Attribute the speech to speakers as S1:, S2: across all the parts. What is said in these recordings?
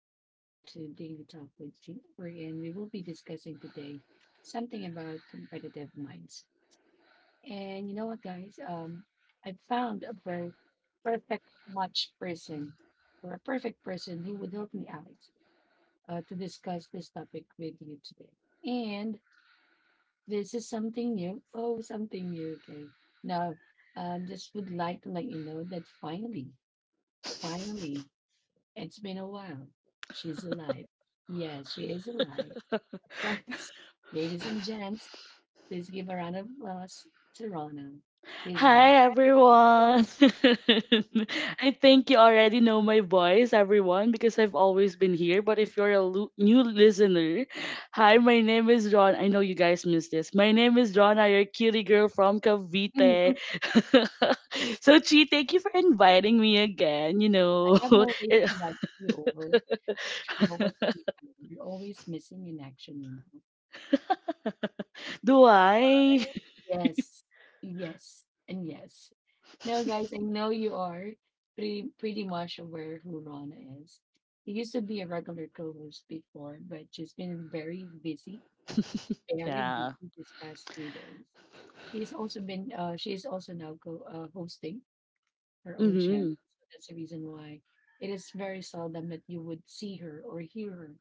S1: welcome again to Daily Talk with Jeffrey. And we will be discussing today something about competitive minds. And you know what, guys? I found a very perfect match person or a perfect person who would help me out to discuss this topic with you today. And this is something new. Oh, something new. Okay. Now, just would like to let you know that finally, it's been a while. She's alive. Yes, she is alive. Guys, ladies and gents, please give a round of applause to Rona. She's back.
S2: Hi everyone. I think you already know my voice, everyone, because I've always been here. But if you're a new listener, hi, my name is Ron. I know you guys missed this. My name is Ron. I your cutie girl from
S1: Mm.
S2: Cavite. So Chi, thank you for inviting me again.
S1: I have always
S2: Eh,
S1: invited you over, but you're nowhere to be found. You're always missing in action,
S2: do I?
S1: you know. Yes, yes, and yes. Now, guys, I know you are pretty much aware who Rona is. She used to be a regular co-host before, but she's been very busy very
S2: Yeah.
S1: busy these past few days. She is also now hosting her own
S2: Mm-hmm.
S1: channel. So that's the reason why it is very seldom that you would see her or hear her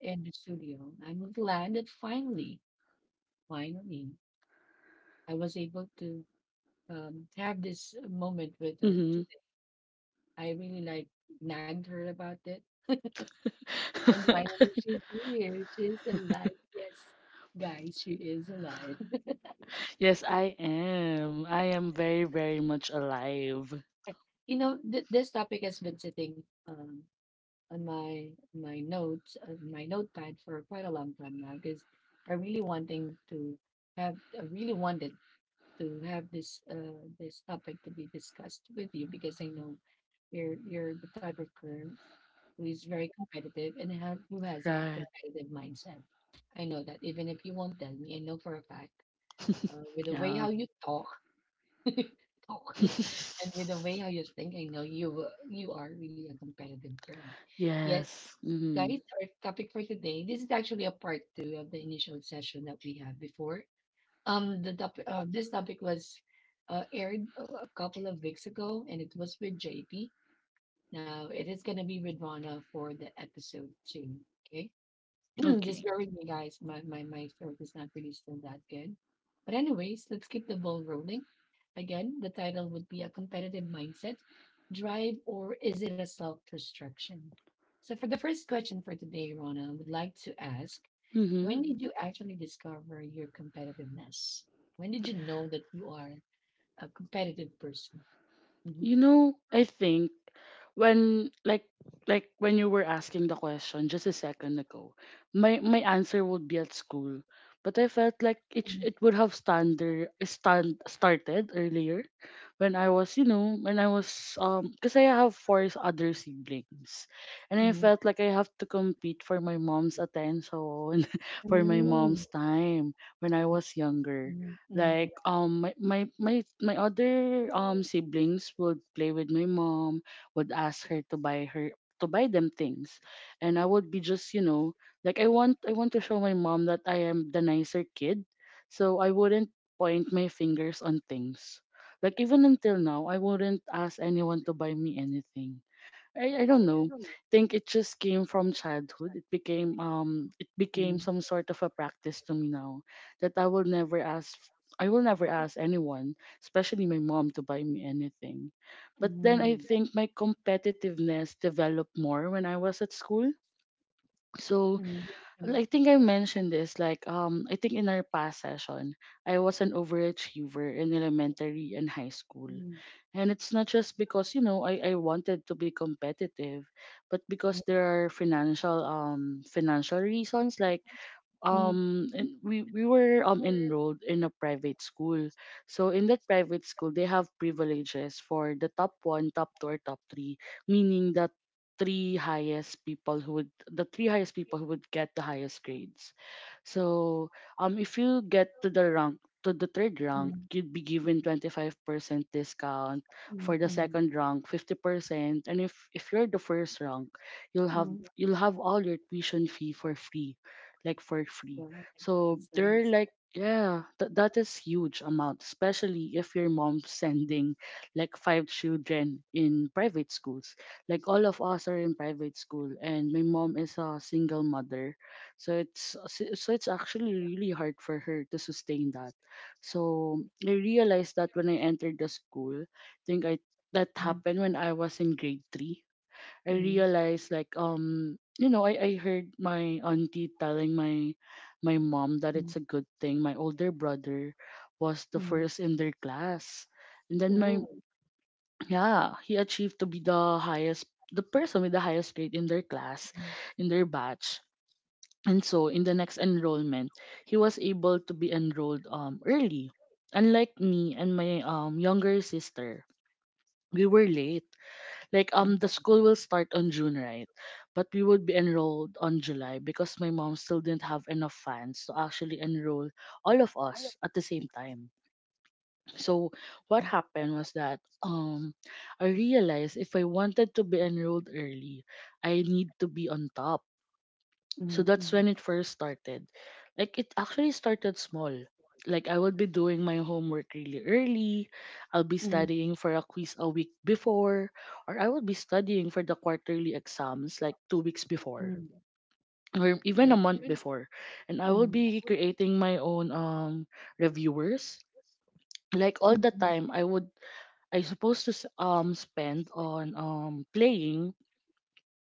S1: in the studio. I'm glad that finally, I was able to have this moment with her
S2: Mm-hmm.
S1: today. I really like nagged her about it. And finally, she's here. She's alive. Yes, guys, she is alive.
S2: yes, I am. I am very, very much alive.
S1: This topic has been sitting um, on my notes, my notepad for quite a long time now because I really wanting to I really wanted to have this topic to be discussed with you because I know you're the type of person who is very competitive who has a
S2: Right.
S1: competitive mindset. I know that even if you won't tell me, I know for a fact, with the way
S2: Yeah.
S1: how you talk. talk and with the way how you think, I know you are really a competitive girl. Yes,
S2: Yes. Mm-hmm.
S1: guys, our topic for today. This is actually a part two of the initial session that we had before. This topic was aired a couple of weeks ago, and it was with JP. Now it is gonna be with Rana for the episode two. Okay. Just
S2: Okay.
S1: bear with me, guys. My throat is not really still that good. But anyways, let's keep the ball rolling. Again, the title would be: A Competitive Mindset Drive or Is It a Self Destruction? So, for the first question for today, Rona, I would like to ask,
S2: Mm-hmm.
S1: when did you actually discover your competitiveness? When did you know that you are a competitive person? Hmm.
S2: You know, I think when like when you were asking the question just a second ago, my answer would be at school, but I felt like it would have standard stand started earlier when I was, you know, when I was because I have 4 other siblings, and I felt like I have to compete for my mom's attention for my
S1: Hmm.
S2: mom's time when I was younger, like my other siblings would play with my mom, would ask her to buy her, to buy them things. And I would be just, you know, like I want to show my mom that I am the nicer kid, so I wouldn't point my fingers on things. Like even until now, I wouldn't ask anyone to buy me anything. I don't know, think it just came from childhood. It became it became
S1: Mm.
S2: some sort of a practice to me now, that I will never ask, I will never ask anyone, especially my mom, to buy me anything. But then I
S1: Hmm.
S2: think my competitiveness developed more when I was at school. So
S1: Mm.
S2: I think I mentioned this, like I think in our past session I was an overachiever in elementary and high school.
S1: Mm.
S2: And it's not just because, you know, I wanted to be competitive, but because there are financial financial reasons, like
S1: Mm. Mm.
S2: and we were enrolled in a private school. So in that private school they have privileges for the top one, top two, or top three, meaning that, three highest people who would the three highest people who would get the highest grades. So if you get to the rank, to the third rank,
S1: Mm.
S2: you'd be given 25% discount, for the
S1: Mm.
S2: second rank 50%, and if you're the first rank,
S1: Mm.
S2: you'll have all your tuition fee for free, like for
S1: Wow,
S2: free.
S1: that's
S2: So
S1: nice.
S2: they're like, yeah, that is huge amount, especially if your mom's sending like 5 children in private schools. Like all of us are in private school, and my mom is a single mother, so it's so it's actually really hard for her to sustain that. So I realized that when I entered the school, I think I that
S1: Mm.
S2: happened when I was in grade 3. I
S1: Mm.
S2: realized, like, you know, I heard my auntie telling my, my mom that
S1: Mm.
S2: it's a good thing my older brother was the
S1: Mm.
S2: first in their class. And then my
S1: Oh.
S2: yeah, he achieved to be the highest, the person with the highest grade in their class,
S1: Mm.
S2: in their batch. And so in the next enrollment he was able to be enrolled early, unlike me and my younger sister. We were late, like, the
S1: Okay.
S2: school will start on June, right? But we would be enrolled on July because my mom still didn't have enough funds to actually enroll all of us at the same time. So what happened was that I realized if I wanted to be enrolled early, I need to be on top, so
S1: Mm.
S2: that's
S1: Mm.
S2: when it first started. Like it actually started small. Like I would be doing my homework really early. I'll be studying for a quiz a week before, or I would be studying for the quarterly exams like 2 weeks before,
S1: Mm.
S2: or even a
S1: Very
S2: month
S1: clear.
S2: before. And I will be creating my own reviewers. Like all the time I would, I supposed to spend on playing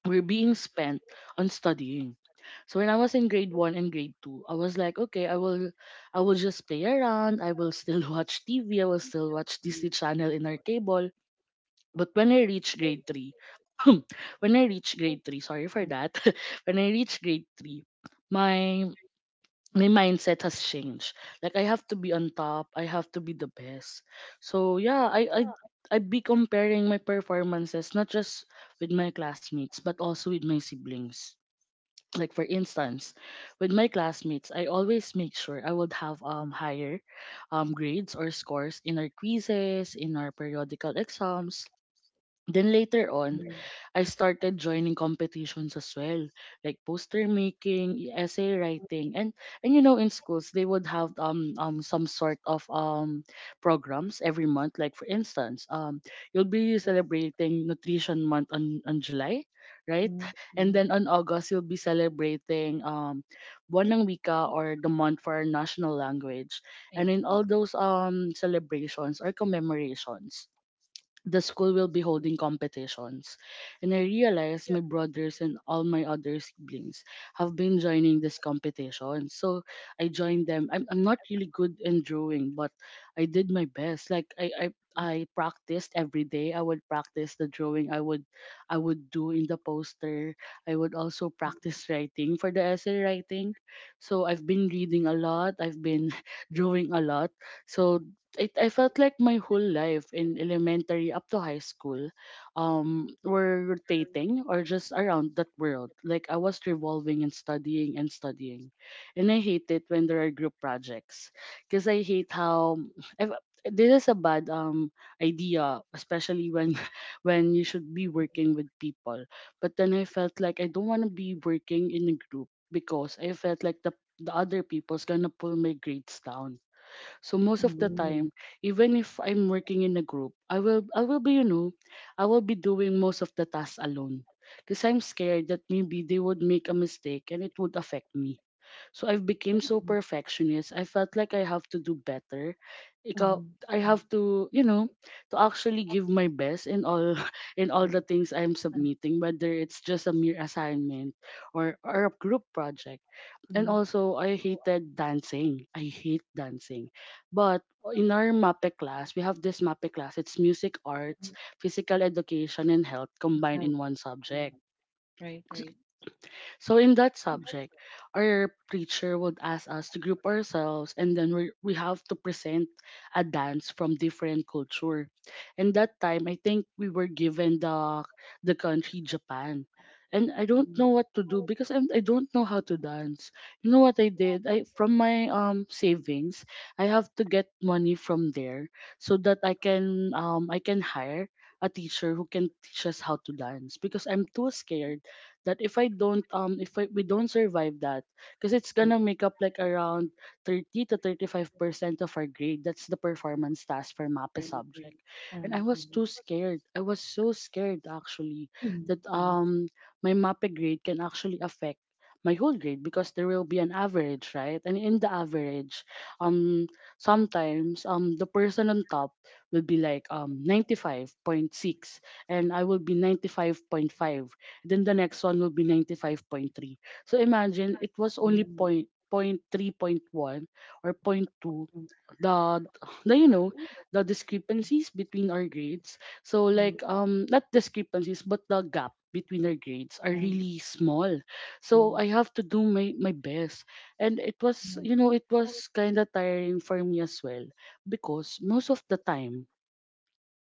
S2: were being spent on studying. So when I was in grade one and grade two, I was like, okay, I will just play around. I will still watch TV. I will still watch Disney Channel in our table. But when I reached grade three, when I reached grade three, sorry for that. When I reached grade three, my my mindset has changed. Like I have to be on top. I have to be the best. So yeah, I'd be comparing my performances, not just with my classmates but also with my siblings, like for instance, with my classmates, I always make sure I would have higher grades or scores in our quizzes, in our periodical exams. Then later on, I started joining competitions as well, like poster making, essay writing, and you know, in schools they would have some sort of programs every month. Like for instance, you'll be celebrating Nutrition Month on July, right?
S1: Mm.
S2: And
S1: Mm.
S2: then on August you'll be celebrating Buwan ng Wika, or the month for our national language. And
S1: Yes.
S2: in
S1: Yes.
S2: all those celebrations or commemorations, the school will be holding competitions. And I realized my brothers and all my other siblings have been joining this competition. So I joined them. I'm not really good in drawing, but I did my best. Like
S1: Mm.
S2: I practiced every day. I would practice the drawing I would do in the poster. I would also practice writing for the essay writing. So I've been reading a lot. I've been drawing a lot. So it I felt like my whole life in elementary up to high school were rotating or just around that world. Like I was revolving and studying and studying. And I hate it when there are group projects, because I hate how I've, this is a bad idea, especially when when you should be working with people. But then I felt like I don't want to be working in a group because I felt like the other people's gonna pull my grades down. So most of the
S1: Mm. Mm.
S2: time, even if I'm working in a group, I will be, you know, I will be doing most of the tasks alone. Because I'm scared that maybe they would make a mistake and it would affect me. So I've became so perfectionist. I felt like I have to do better.
S1: Mm. Mm.
S2: I
S1: Mm.
S2: have to, you know, to actually give my best in all in all the things I'm submitting, whether it's just a mere assignment or a group project. And
S1: Mm.
S2: also, I hated dancing. I hate dancing. But in our MAPE class, we have this MAPE class. It's music arts, physical education, and health combined
S1: Oh.
S2: in one
S1: um,
S2: subject.
S1: Right, right.
S2: So in that subject, our preacher would ask us to group ourselves, and then we have to present a dance from different culture. And that time I think we were given the country Japan. And I don't
S1: Mm.
S2: know what to do because I don't know how to dance. You know what I did? I from my savings, I have to get money from there so that I can, I can hire a teacher who can teach us how to dance, because I'm too scared that if I don't, if I, we don't survive that, because it's
S1: Mm.
S2: gonna make up like around 30 to 35% of our grade. That's the performance task for MAPE
S1: Very great.
S2: subject, and I
S1: Um,
S2: was
S1: um,
S2: too scared. I was so scared actually
S1: mm.
S2: that
S1: Mm.
S2: my MAPE grade can actually affect my whole grade, because there will be an average, right? And in the average, sometimes the person on top will be like 95.6, and I will be 95.5, then the next one will be 95.3. So imagine it was only
S1: Mm.
S2: point 3.1 or point two,
S1: Mm. Mm.
S2: the the you know the discrepancies between our grades. So like, not discrepancies, but the gap between our grades are really small, so I have to do my best. And it was kind of tiring for me as well, because most of the time,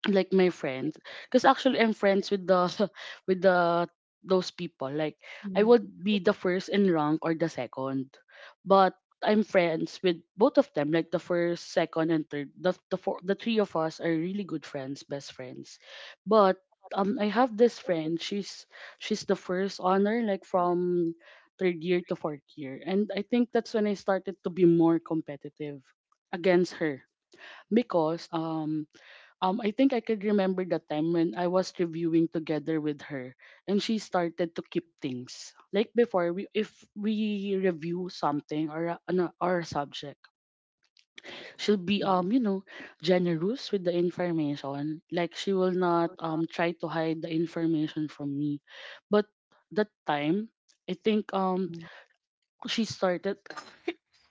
S2: like my friends, because actually I'm friends with the with the those people. Like I
S1: Mm. Mm.
S2: would be the first in rank or the second, but I'm friends with both of them. Like the first, second, and third, the three of us are really good friends, best friends. But I have this friend. She's the first honor like from third year to fourth year, and I think that's when I started to be more competitive against her. Because I think I could remember the time when I was reviewing together with her, and she started to keep things. Like before, if we review something or a- an or a subject, she'll be
S1: Mm.
S2: generous with the information. Like she will not try to hide the information from me. But that time, I think she started.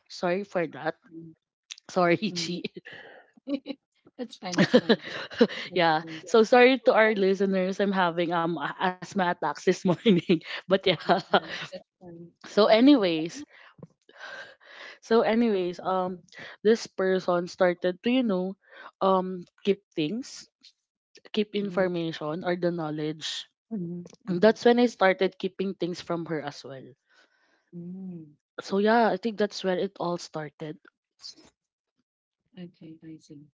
S2: Sorry for that. Sorry,
S1: Mm.
S2: Chi.
S1: Mm. That's fine, that's fine. That's
S2: Yeah.
S1: fine.
S2: So sorry to our listeners. I'm having asthma attacks this morning. But yeah.
S1: Uh, That's fine.
S2: So
S1: That's okay.
S2: anyways, so anyways, this person started to, keep things, keep
S1: Mhm.
S2: information or the knowledge.
S1: Mhm.
S2: And
S1: Mhm.
S2: that's when I started keeping things from her as well.
S1: Mhm.
S2: So yeah, I think that's where it all started.
S1: Okay, I see.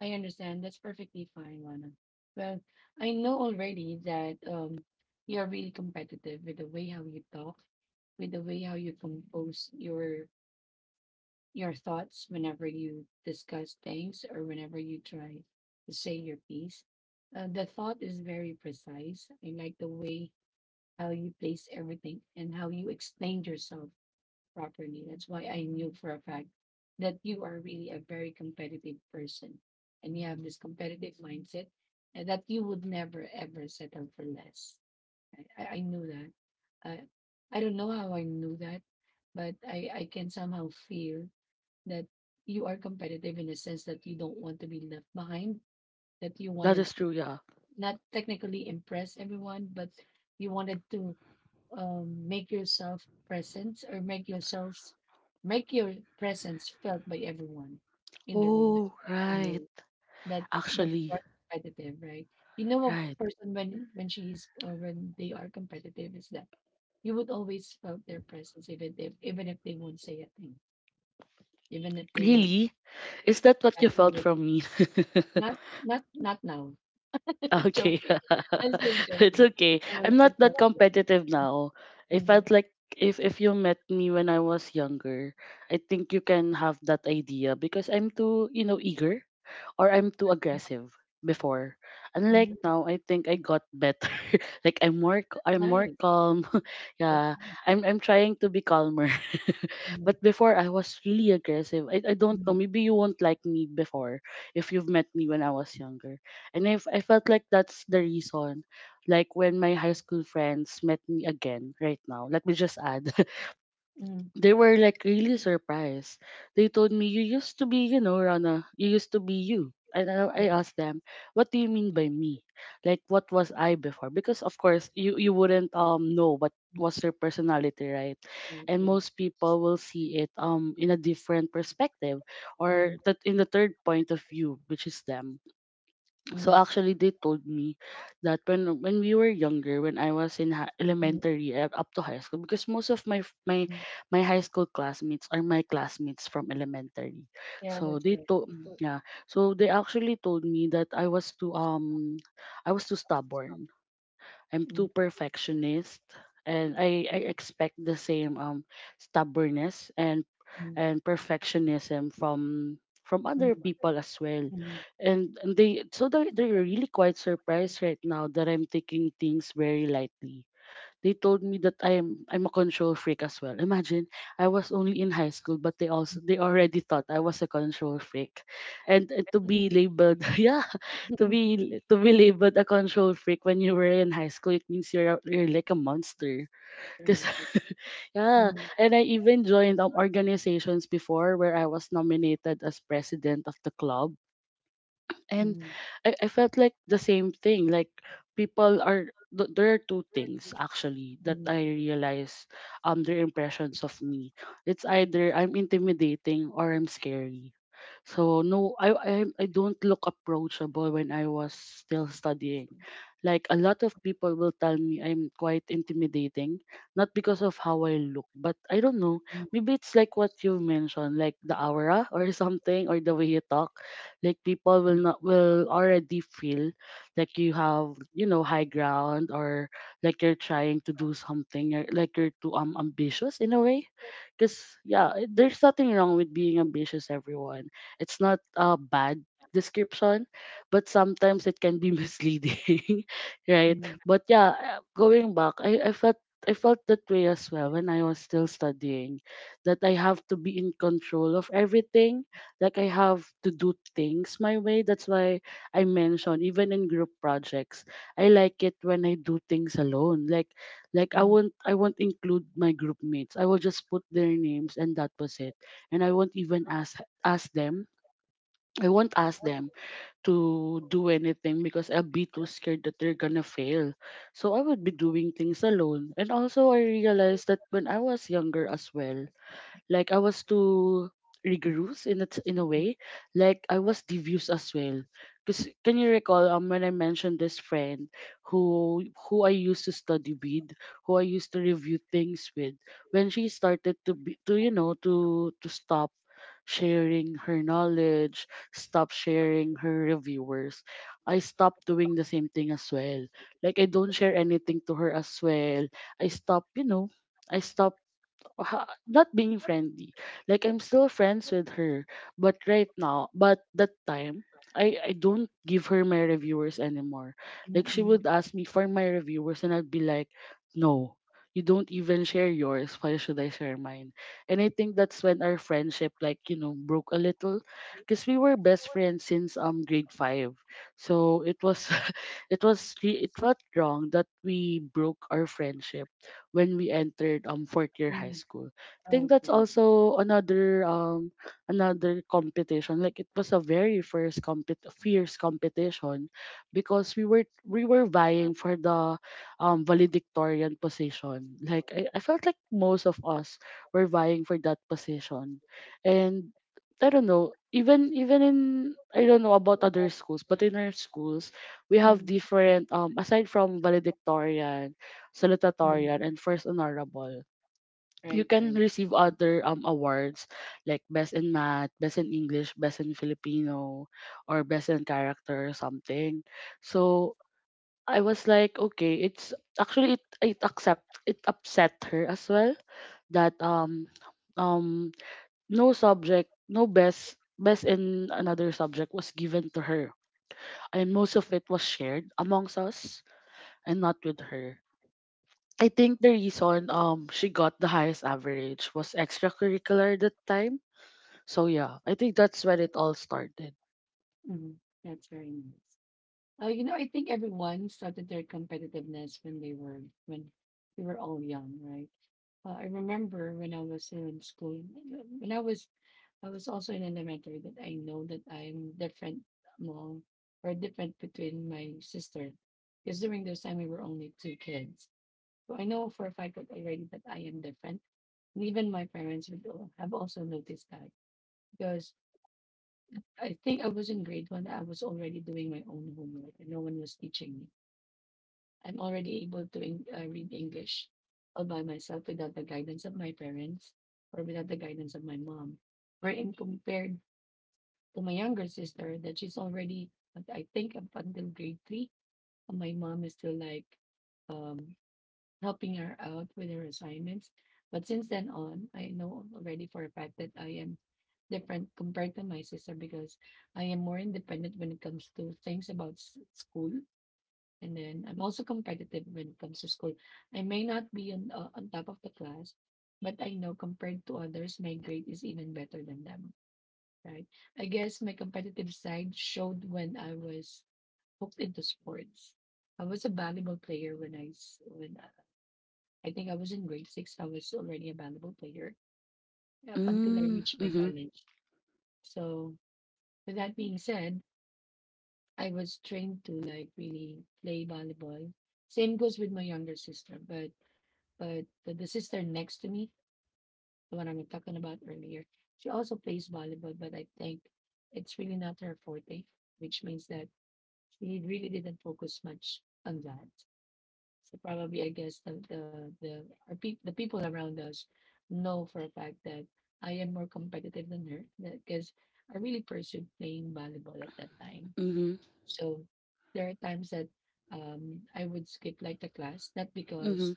S1: I understand. That's perfectly fine, Lana. Well, I know already that you're really competitive with the way how you talk, with the way how you compose your thoughts whenever you discuss things or whenever you try to say your piece. The thought is very precise. I like the way how you place everything and how you explained yourself properly. That's why I knew for a fact that you are really a very competitive person, and you have this competitive mindset, and that you would never ever settle for less. I knew that. I, I don't know how I knew that, but I can somehow feel that you are competitive in a sense that you don't want to be left behind, that you
S2: That
S1: wanted
S2: is
S1: to
S2: true, yeah.
S1: not technically impress everyone, but you wanted to um, make yourself presence or make yourselves make your presence felt by everyone in the room. That's
S2: Oh,
S1: why I know
S2: right.
S1: that that you
S2: Actually,
S1: are competitive, right? You know, a
S2: right.
S1: person when she is, or when they are competitive, is that you would always felt their presence, even if they won't say a thing, even if they won't
S2: Really? Is that what you felt
S1: exactly,
S2: from me?
S1: not not not now.
S2: Okay.
S1: Joking. That's just
S2: It's
S1: joking.
S2: okay. I'm
S1: It's just
S2: not that
S1: joking.
S2: competitive now. I
S1: Mm,
S2: felt
S1: that's
S2: like if
S1: okay.
S2: you met me when I was younger, I think you can have that idea because I'm too, eager, or I'm too aggressive before. Unlike
S1: Mm.
S2: now, I think I got better. Like I'm more I'm more
S1: Nice.
S2: calm.
S1: That's
S2: Yeah. I'm trying to be calmer,
S1: nice.
S2: but before I was really aggressive. I don't know.
S1: Mm.
S2: Maybe you won't like me before if you've met me when I was younger. And if I felt like that's the reason, like when my high school friends met me again right now, let me just add,
S1: Mm.
S2: they were like really surprised. They told me, you used to be, you know, Rana, you used to be you. And I
S1: Mm.
S2: asked them, what do you mean by me? Like what was I before? Because of course you wouldn't know what
S1: Mm.
S2: was your personality, right?
S1: Right,
S2: And
S1: right.
S2: most people will see it in a different perspective, or
S1: Mm.
S2: that in the third point of view, which is them.
S1: Mm.
S2: So actually, they told me that when we were younger, when I was in
S1: Mm.
S2: elementary, up to high school, because most of my my high school classmates are my classmates from elementary.
S1: Yeah,
S2: So
S1: that's
S2: they
S1: right.
S2: told
S1: Mm.
S2: yeah. So they actually told me that I was too stubborn. I'm too perfectionist, and I expect the same stubbornness and
S1: Mm.
S2: perfectionism from other
S1: Mm.
S2: people as well.
S1: Mm.
S2: And they, so they're really quite surprised right now that I'm taking things very lightly. They told me that I'm a control freak as well. Imagine, I was only in high school, but they also, they already thought I was a control freak. And to be
S1: Mm.
S2: labeled yeah. To be labeled a control freak when you were in high school, it means you're you're like a monster. Cause
S1: Right, right.
S2: yeah.
S1: Mm.
S2: And I even joined organizations before where I was nominated as president of the club. And
S1: Mm.
S2: I felt like the same thing. Like there are two things actually that
S1: Mm.
S2: I realize, their impressions of me. It's either I'm intimidating or I'm scary. So no, I don't look approachable when I was still studying. Like a lot of people will tell me I'm quite intimidating, not because of how I look, but I don't know.
S1: Mm.
S2: Maybe it's like what you mentioned, like the aura or something, or the way you talk. Like people
S1: Mm.
S2: will
S1: Mm.
S2: not will already feel like you have, high ground, or like you're trying to do something, or like you're too ambitious in a way. Because yeah, there's nothing wrong with being ambitious, everyone. It's not a bad description, but sometimes it can be misleading, right?
S1: Mm.
S2: But yeah, going back, I felt that way as well when I was still studying, that I have to be in control of everything. Like I have to do things my way. That's why I mentioned, even in group projects, I like it when I do things alone. Like, like I
S1: Mm.
S2: won't I won't include my group mates. I will just put their names and that was it. And I won't even ask ask them I won't ask them to do anything, because I'll be too scared that they're gonna fail. So I would be doing things alone. And also, I realized that when I was younger as well, like I was too rigorous in a, in a way. Like I was devious as well. Because can you recall when I mentioned this friend, who I used to study with, who I used to review things with. When she started to be to you know to stop sharing her knowledge, stop sharing her reviewers, I stopped doing the same thing as well. Like I don't share anything to her as well. I stop, you know, I stop not being friendly. Like I'm still friends with her, but right now, but that time, I don't give her my reviewers anymore. Like she
S1: Mm.
S2: would ask me for my reviewers, and I'd be like, no. You don't even share yours, why should I share mine? And I think that's when our friendship, like, broke a little, because we were best friends since grade five. So it was, it was it felt wrong that we broke our friendship when we entered fourth year high
S1: Mm.
S2: school. I think that's
S1: Okay.
S2: also another another competition. Like it was a very first compet fierce competition, because we were vying for the valedictorian position. Like I felt like most of us were vying for that position. And I don't know, even in I don't know about other schools, but in our schools we have
S1: Mm.
S2: different, aside from valedictorian, salutatorian, and first honorable, you
S1: Right,
S2: can
S1: right.
S2: receive
S1: That's,
S2: other awards, like best in math, best in English, best in Filipino, or best in character or something. So I was like, okay, it's actually, it accept, it upset her as well, that um no subject, no best in another subject was given to her, and most of it was shared amongst us and not with her. I think the reason she got the highest average was extracurricular at that time. So yeah, I think that's when it all started.
S1: mm, that's very nice. I think everyone started their competitiveness when we were all young, right? I remember when I was still in school, when I was also in elementary, that I know that I'm different among, or different between my sister. Because during those time we were only two kids. So I know for a fact that already that I am different. And even my parents would have also noticed that, because I think I was in grade one, I was already doing my own homework and no one was teaching me. I'm already able to read English all by myself, without the guidance of my parents or without the guidance of my mom. Wherein compared to my younger sister, that she's already, I think, up until grade three, my mom is still like, um, helping her out with her assignments. But since then on, I know already for a fact that I am different compared to my sister, because I am more independent when it comes to things about school. And then I'm also competitive when it comes to school. I may not be on top of the class, but I know compared to others, my grade is even better than them. Right. I guess my competitive side showed when I was hooked into sports. I was a volleyball player when I think I was in grade six. I was already a volleyball player up until I
S2: Mm,
S1: reached my
S2: mhm,
S1: college. So with that being said, I was trained to like really play volleyball. Same goes with my younger sister, but the sister next to me, the one I'm talking about earlier, she also plays volleyball, but I think it's really not her forte, which means that we really didn't focus much on that. So probably I guess the people around us know for a fact that I am more competitive than her, because I really pursued playing volleyball at that time.
S2: mhm,
S1: So there are times that I would skip like the class, not
S2: mhm,
S1: because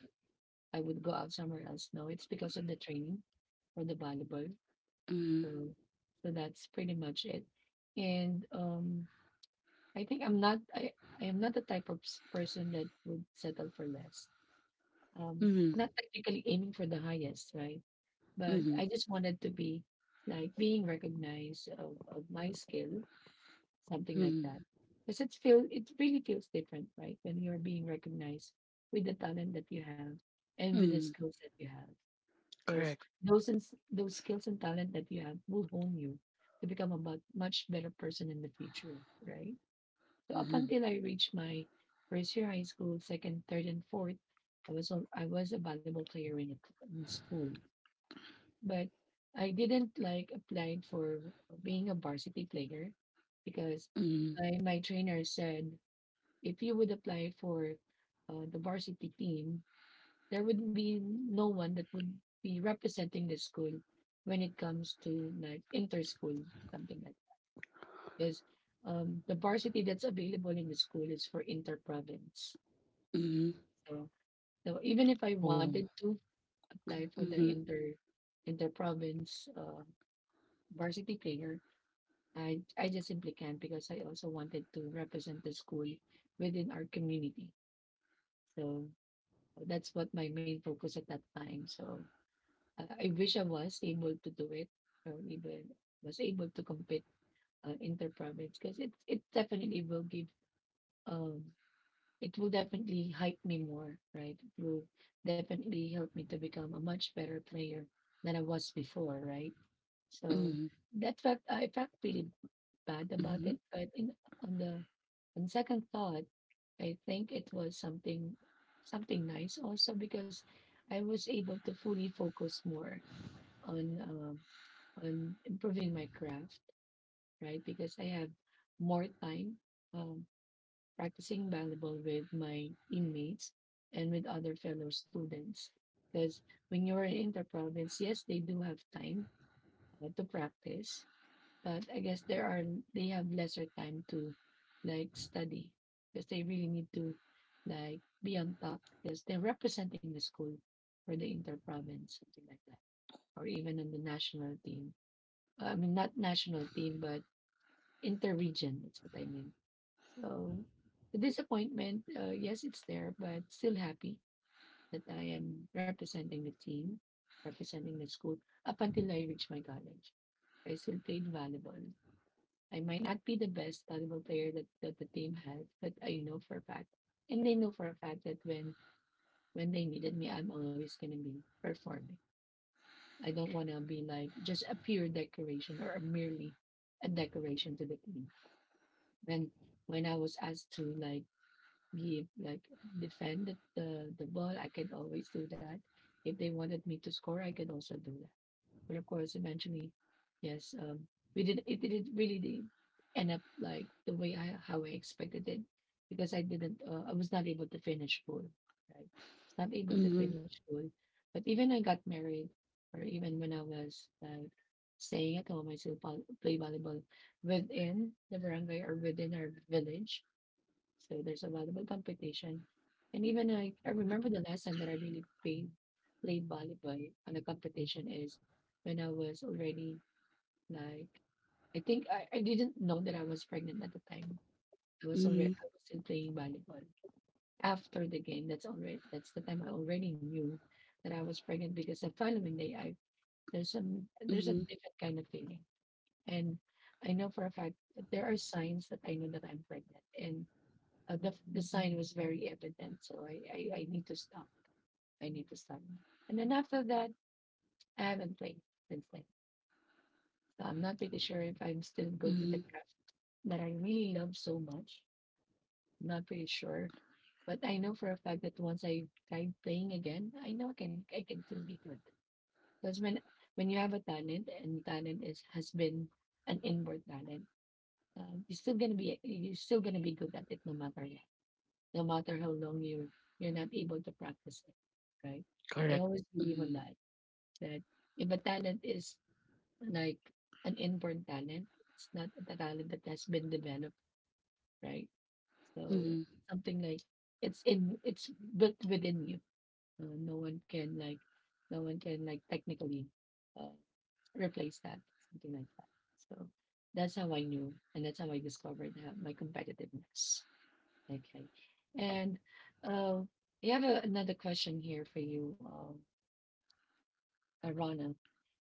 S1: I would go out somewhere else. No, it's because of the training for the volleyball.
S2: mhm,
S1: So so that's pretty much it. And I think I am not the type of person that would settle for less. Um, Not
S2: mhm,
S1: technically aiming for the highest, right? But
S2: mhm,
S1: I just wanted to be like being recognized of my skill, something like
S2: mhm,
S1: that. Because it really feels different, right? When you're being recognized with the talent that you have and with the
S2: mhm.
S1: skills that you have. Because
S2: Correct.
S1: those skills and talent that you have will hone you to become a much better person in the future, right? So up
S2: Mhm,
S1: until I reached my first year high school, second, third, and fourth, I was a volleyball player in school, but I didn't like applied for being a varsity player, because
S2: mhm,
S1: my trainer said, if you would apply for the varsity team, there would be no one that would be representing the school when it comes to like inter school, something like, because the varsity that's available in the school is for inter-province.
S2: mhm.
S1: So, even if I
S2: Oh.
S1: wanted to apply for the
S2: Mhm,
S1: inter-province varsity player, I just simply can't, because I also wanted to represent the school within our community. So that's what my main focus at that time. So I wish I was able to do it, or even was able to compete inter-province, because it definitely will give, um it will definitely hype me more, right? It will definitely help me to become a much better player than I was before, right? So
S2: mhm,
S1: that felt I felt pretty bad about
S2: mhm,
S1: it, but in on the on second thought, I think it was something, something nice also, because I was able to fully focus more on, on improving my craft, right? Because I have more time. Um, Practicing volleyball with my teammates and with other fellow students. Because when you're in inter yes, they do have time to practice, but I guess there are they have lesser time to like study because they really need to like be on top because they're representing the school for the interprovince, something like that, or even on the national team. Not national team, but inter-region. That's what I mean. So the disappointment, yes, it's there, but still happy that I am representing the team, representing the school up until I reach my college. I still played volleyball. I might not be the best volleyball player that, the team has, but I know for a fact, and they know for a fact that when they needed me, I'm always gonna be performing. I don't wanna be like just a pure decoration or a decoration to the team. When when I was asked to like he like defended the ball, I can always do that. If they wanted me to score, I can also do that. But of course, eventually, yes, we did. it didn't really end up like the way I how I expected it because I didn't. I was not able to finish full. Right, I was not able to
S2: mhm,
S1: finish full. But even I got married, or even when I was like staying at home, I still play volleyball within the barangay or within our village, so there's a lot competition. And even I remember the last time that I really played volleyball on a competition is when I was already like, I think I didn't know that I was pregnant at the time.
S2: mhm,
S1: I was still playing volleyball. After the game, that's the time I already knew that I was pregnant because the following day, there's some, there's a
S2: mhm,
S1: different kind of feeling. And I know for a fact that there are signs that I know that I'm pregnant. And the sign was very evident. So I need to stop. I need to stop. And then after that, I haven't played since then. So I'm not pretty sure if I'm still good with the
S2: mhm.
S1: craft that I really love so much. I'm not pretty sure. But I know for a fact that once I tried playing again, I know I can still be good. Because when you have a talent and talent is has been an inward talent, you're still gonna be good at it no matter what, no matter how long you're not able to practice it, right? I
S2: Correct.
S1: always believe on
S2: Mhm,
S1: that. That if a talent is like an inborn talent, it's not a talent that has been developed, right? So
S2: mhm,
S1: something like it's built within you. Uh, no one can like no one can like technically uh, replace that, something like that. So that's how I knew, and that's how I discovered my competitiveness. Okay. And uh, I have another question here for you, Rana.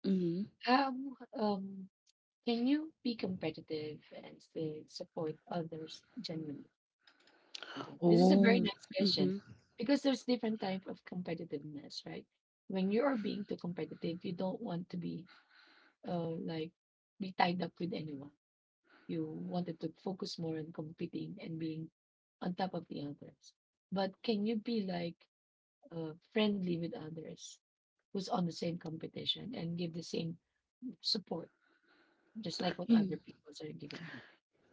S2: mhm.
S1: How um, can you be competitive and still support others genuinely? Again, this is a very
S2: Oh.
S1: nice question because there's different type of competitiveness, right? When you are being too competitive, you don't want to be like be tied up with anyone. You wanted to focus more on competing and being on top of the others. But can you be like friendly with others who's on the same competition and give the same support, just like what other
S2: Mhm.
S1: people are giving you.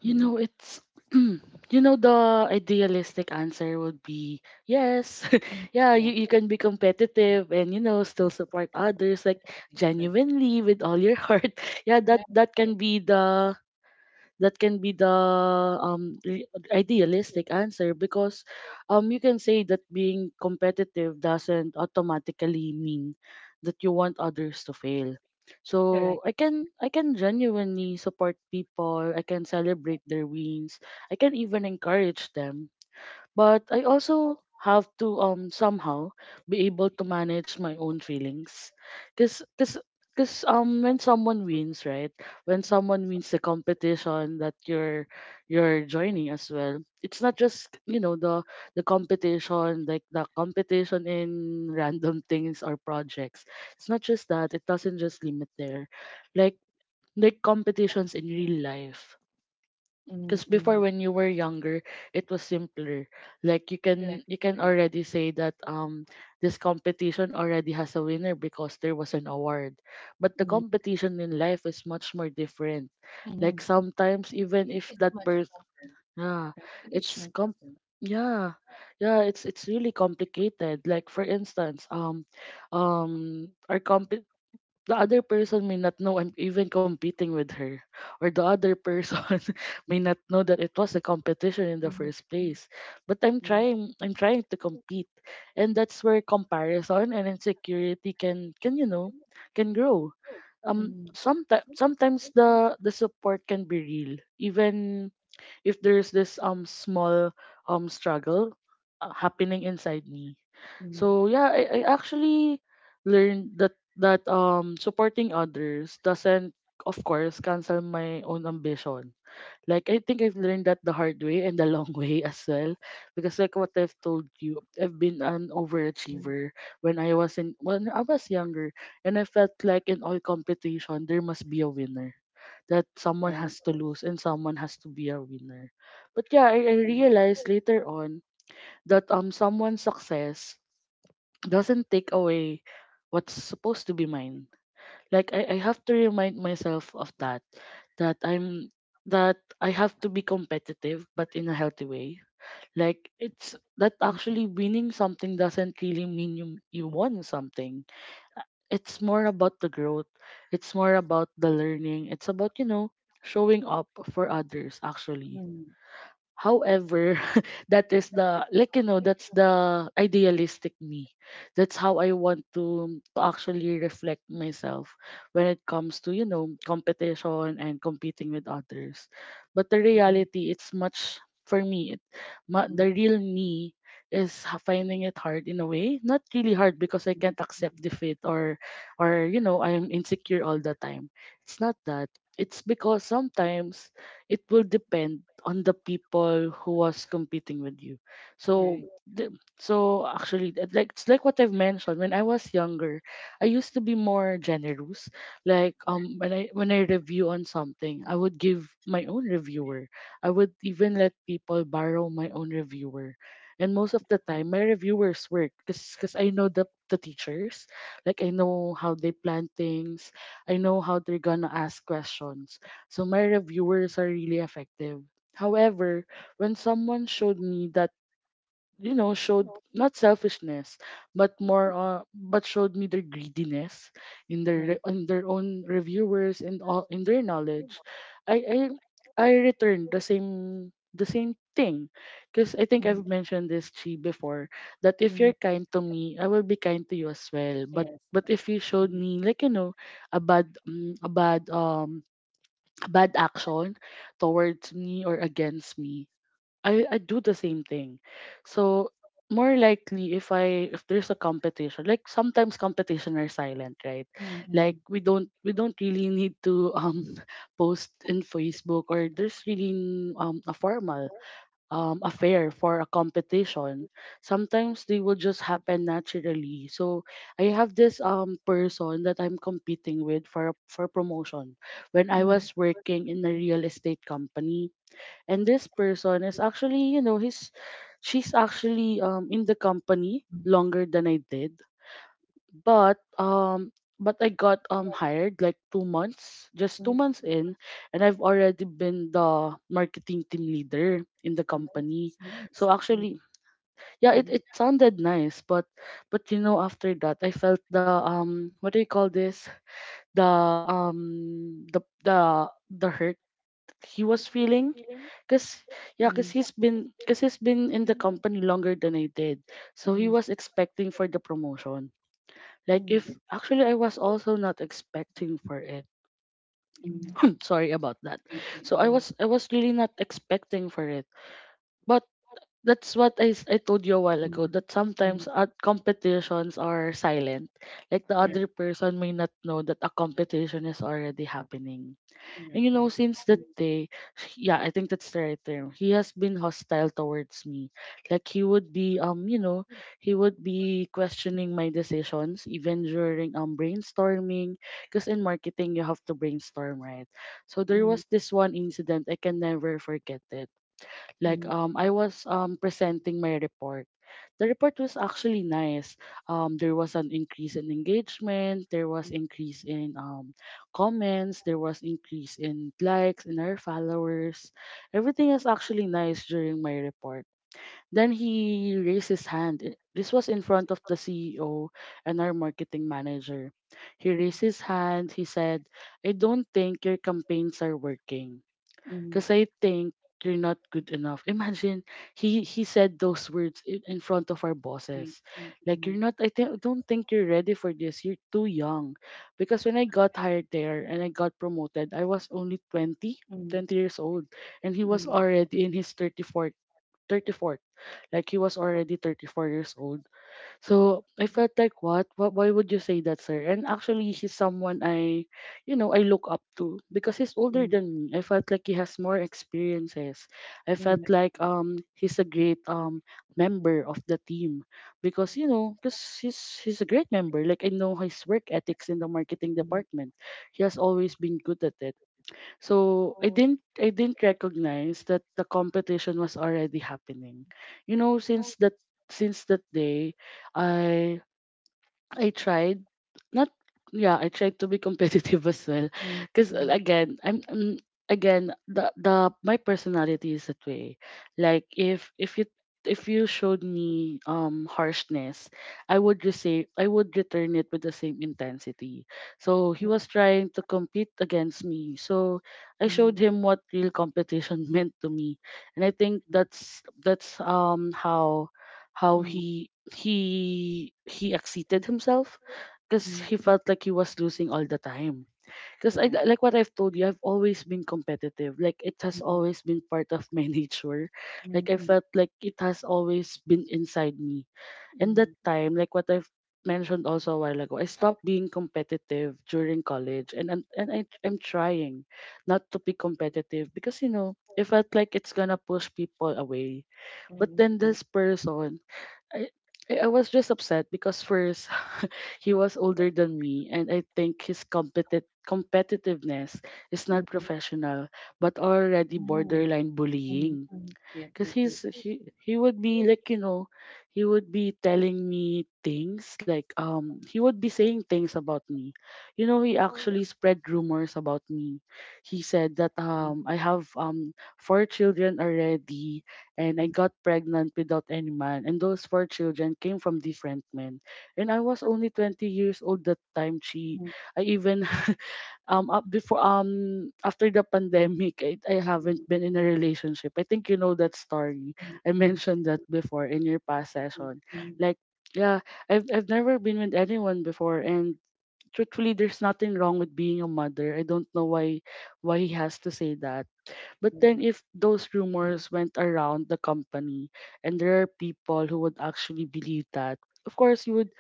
S2: You
S1: Mm.
S2: know, it's the idealistic answer would be yes.
S1: Mm.
S2: Yeah,
S1: Yeah.
S2: you can be competitive and still support others like
S1: Right.
S2: genuinely with all your heart. Yeah,
S1: Right.
S2: that
S1: Right.
S2: can be the, that can be the um re- idealistic answer, because you can say that being competitive doesn't automatically mean that you want others to fail.
S1: Correct.
S2: So I can genuinely support people, I can celebrate their wins, I can even encourage them. But I also have to somehow be able to manage my own feelings. Cause, cause, cause when someone wins, right? When someone wins the competition that you're joining as well, it's not just, the competition, like the competition in random things or projects. It's not just that, it doesn't just limit there. like like competitions in real life, because before,
S1: Mm-mm.
S2: when you were younger, it was simpler. Like you can, you can already say that this competition already has a winner because there was an award. But the
S1: Mm.
S2: competition in life is much more different.
S1: Mm-hmm.
S2: Like
S1: Hmm
S2: sometimes, even if that
S1: much.
S2: person, yeah,
S1: Right. It is much
S2: it's com,
S1: tougher.
S2: yeah. Yeah, it's really complicated. Like for instance, our comp the other person may not know I'm even competing with her, or the other person may not know that it was a competition in the
S1: Right.
S2: first place. But I'm
S1: Right.
S2: trying, I'm trying to compete, and that's where comparison and insecurity can you know can grow. Um,
S1: Mm,
S2: sometimes sometimes the support can be real, even if there's this small struggle happening inside me.
S1: mm.
S2: So yeah, I actually learned that supporting others doesn't of course cancel my own ambition. Like I think I've learned that the hard way and the long way as well, because like what I've told you, I've been an overachiever when I was in when I was younger, and I felt like in all competition there must be a winner, that someone has to lose and someone has to be a winner. But yeah, I realized later on that someone's success doesn't take away what's supposed to be mine. Like I have to remind myself of that. That I'm, that I have to be competitive but in a healthy way. Like it's that
S1: Mm.
S2: actually winning something doesn't really mean you won something. It's more about the growth, it's more about the learning, it's about showing up for others actually. However, that is the like that's the idealistic me. That's how I want to actually reflect myself when it comes to competition and competing with others. But the
S1: Mm. Mm.
S2: reality, it's much for me.
S1: Mm.
S2: The real me is finding it hard in a way. Not really hard because I can't accept defeat or I am insecure all the time. It's not that. It's because sometimes it will depend on the people who was competing with you. So
S1: Right.
S2: the, so actually, like it's like what I've mentioned when I was younger, I used to be more generous, like when I review on something, I would give my own reviewer. I would even let people borrow my own reviewer, and most of the time my reviewers work because I know the teachers, like I know how they plan things, I know how they're gonna ask questions, so my reviewers are really effective. However, when someone showed me that, showed not selfishness, but more, but showed me their greediness in
S1: Right.
S2: in their own reviewers and all in their knowledge, I I I returned the same thing, because I think
S1: Mm.
S2: I've mentioned this, Chi, before, that if you're kind to me, I will be kind to you as well. But if you showed me, a bad, a bad, bad action towards me or against me, I do the same thing. So more likely if I if there's a competition, like sometimes competition are silent, right?
S1: Mm.
S2: Like we don't really need to post in Facebook, or there's really a formal, a fair for a competition. Sometimes they will just happen naturally. So I have this person that I'm competing with for promotion when I
S1: Mm. Mm.
S2: was working in a real estate company. And this person is actually, you know, he's she's actually in the company longer than I did, but um but I got hired like 2 months, just two
S1: Mm.
S2: months in, and I've already been the marketing team leader in the company.
S1: It's nice. It's
S2: So
S1: nice.
S2: actually, yeah, it,
S1: Mm.
S2: it sounded nice, but after that I felt the, what do you call this, the hurt he was feeling, because, yeah,
S1: Mm.
S2: because he's been in the company longer than I did, so he
S1: Mm.
S2: was expecting for the promotion. Like
S1: Mm.
S2: if actually I was also not expecting for it.
S1: Mm,
S2: Sorry about that.
S1: right.
S2: So I was,
S1: Right.
S2: really not expecting for it. But that's what I told you a while ago,
S1: Mm,
S2: that sometimes
S1: mm.
S2: art competitions are silent. Like the
S1: Correct,
S2: other person may not know that a competition is already happening. And
S1: correct,
S2: you know,
S1: correct.
S2: since that day, yeah, I think that's the right term. He has been hostile towards me. Like he would be, he would be questioning my decisions even during brainstorming. Because in marketing you have to brainstorm, right? So there
S1: Mm,
S2: was this one incident I can never forget it, like
S1: mm,
S2: I
S1: mm,
S2: was presenting my report. The report was actually nice. There was an increase in engagement. There was increase in comments. There was increase in likes in our followers. Everything is actually nice during my report. Then he raised his hand. This was in front of the CEO and our marketing manager. He raised his hand. He said, I don't think your campaigns are working
S1: mm, mm, mm.
S2: because I think you're not good enough. Imagine he said those words in front of our
S1: Right,
S2: bosses,
S1: right.
S2: like you're
S1: Mm,
S2: not. I think Don't think you're ready for this. You're too young, because when I got hired there and I got promoted, I was only 20 20 years old, and he was
S1: mm,
S2: already in his thirty fourth thirty fourth, like he was already 34 years old. So I felt like, what? Why would you say that, sir? And actually, he's someone I, you know, I look up to because he's older
S1: mm,
S2: than me. I felt like he has more experiences. I
S1: mm, mm,
S2: felt like he's a great member of the team, because you know, because he's a great member. Like I know his work ethics in the marketing
S1: mm,
S2: department. He has always been good at it, so I didn't recognize that the competition was already happening. You know, since that day, I I tried not yeah, I tried to be competitive as well,
S1: mm,
S2: because
S1: mm,
S2: again, I'm again, the my personality is that way. Like if you showed me harshness, I would return it with the same intensity. So he was trying to compete against me. So I
S1: mm,
S2: showed
S1: mm,
S2: him what real competition meant to me, and I think that's how
S1: mm,
S2: he exceeded himself because
S1: mm.
S2: he felt like he was losing all the time. Because I
S1: Correct.
S2: like what I've told you, I've always been competitive. Like it has
S1: Mm,
S2: always been part of my nature. Like
S1: mm,
S2: I
S1: mm,
S2: felt like it has always been inside me. And that
S1: mm.
S2: time, like what I've mentioned also a while ago, I stopped being competitive during college, and I'm trying not to be competitive because it felt like it's gonna push people away. But
S1: Right,
S2: then
S1: right.
S2: this person, I I was just upset because first, he was older than me, and I think his competitiveness is not
S1: Mm,
S2: professional but already
S1: mm,
S2: borderline
S1: mm,
S2: bullying.
S1: mm. Yep,
S2: Cause
S1: yep, yep.
S2: he would be, like, he would be telling me things like he would be saying things about me. You know, he actually spread rumors about me. He said that
S1: Mm,
S2: I have four children already, and I
S1: mm,
S2: got pregnant without any man and those four children came from different men. And I was only 20 years old that time. She
S1: mm,
S2: I even, up before after the pandemic, I haven't
S1: mm,
S2: been in a relationship. I think you know that story.
S1: mm,
S2: I
S1: mm.
S2: mentioned that before in your past
S1: Right. Because
S2: session.
S1: most people
S2: Like, yeah, I've never been with anyone before, and truthfully there's nothing wrong with being a mother. I don't know why he has to say that. But
S1: live
S2: then,
S1: right
S2: if those rumors went around the company, and there are people who would actually believe that, of course, you would,